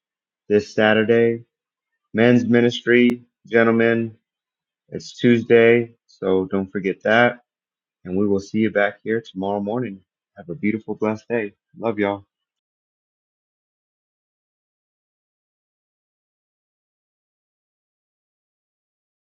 Speaker 7: this Saturday. Men's ministry, gentlemen, it's Tuesday, so don't forget that. And we will see you back here tomorrow morning. Have a beautiful, blessed day. Love y'all.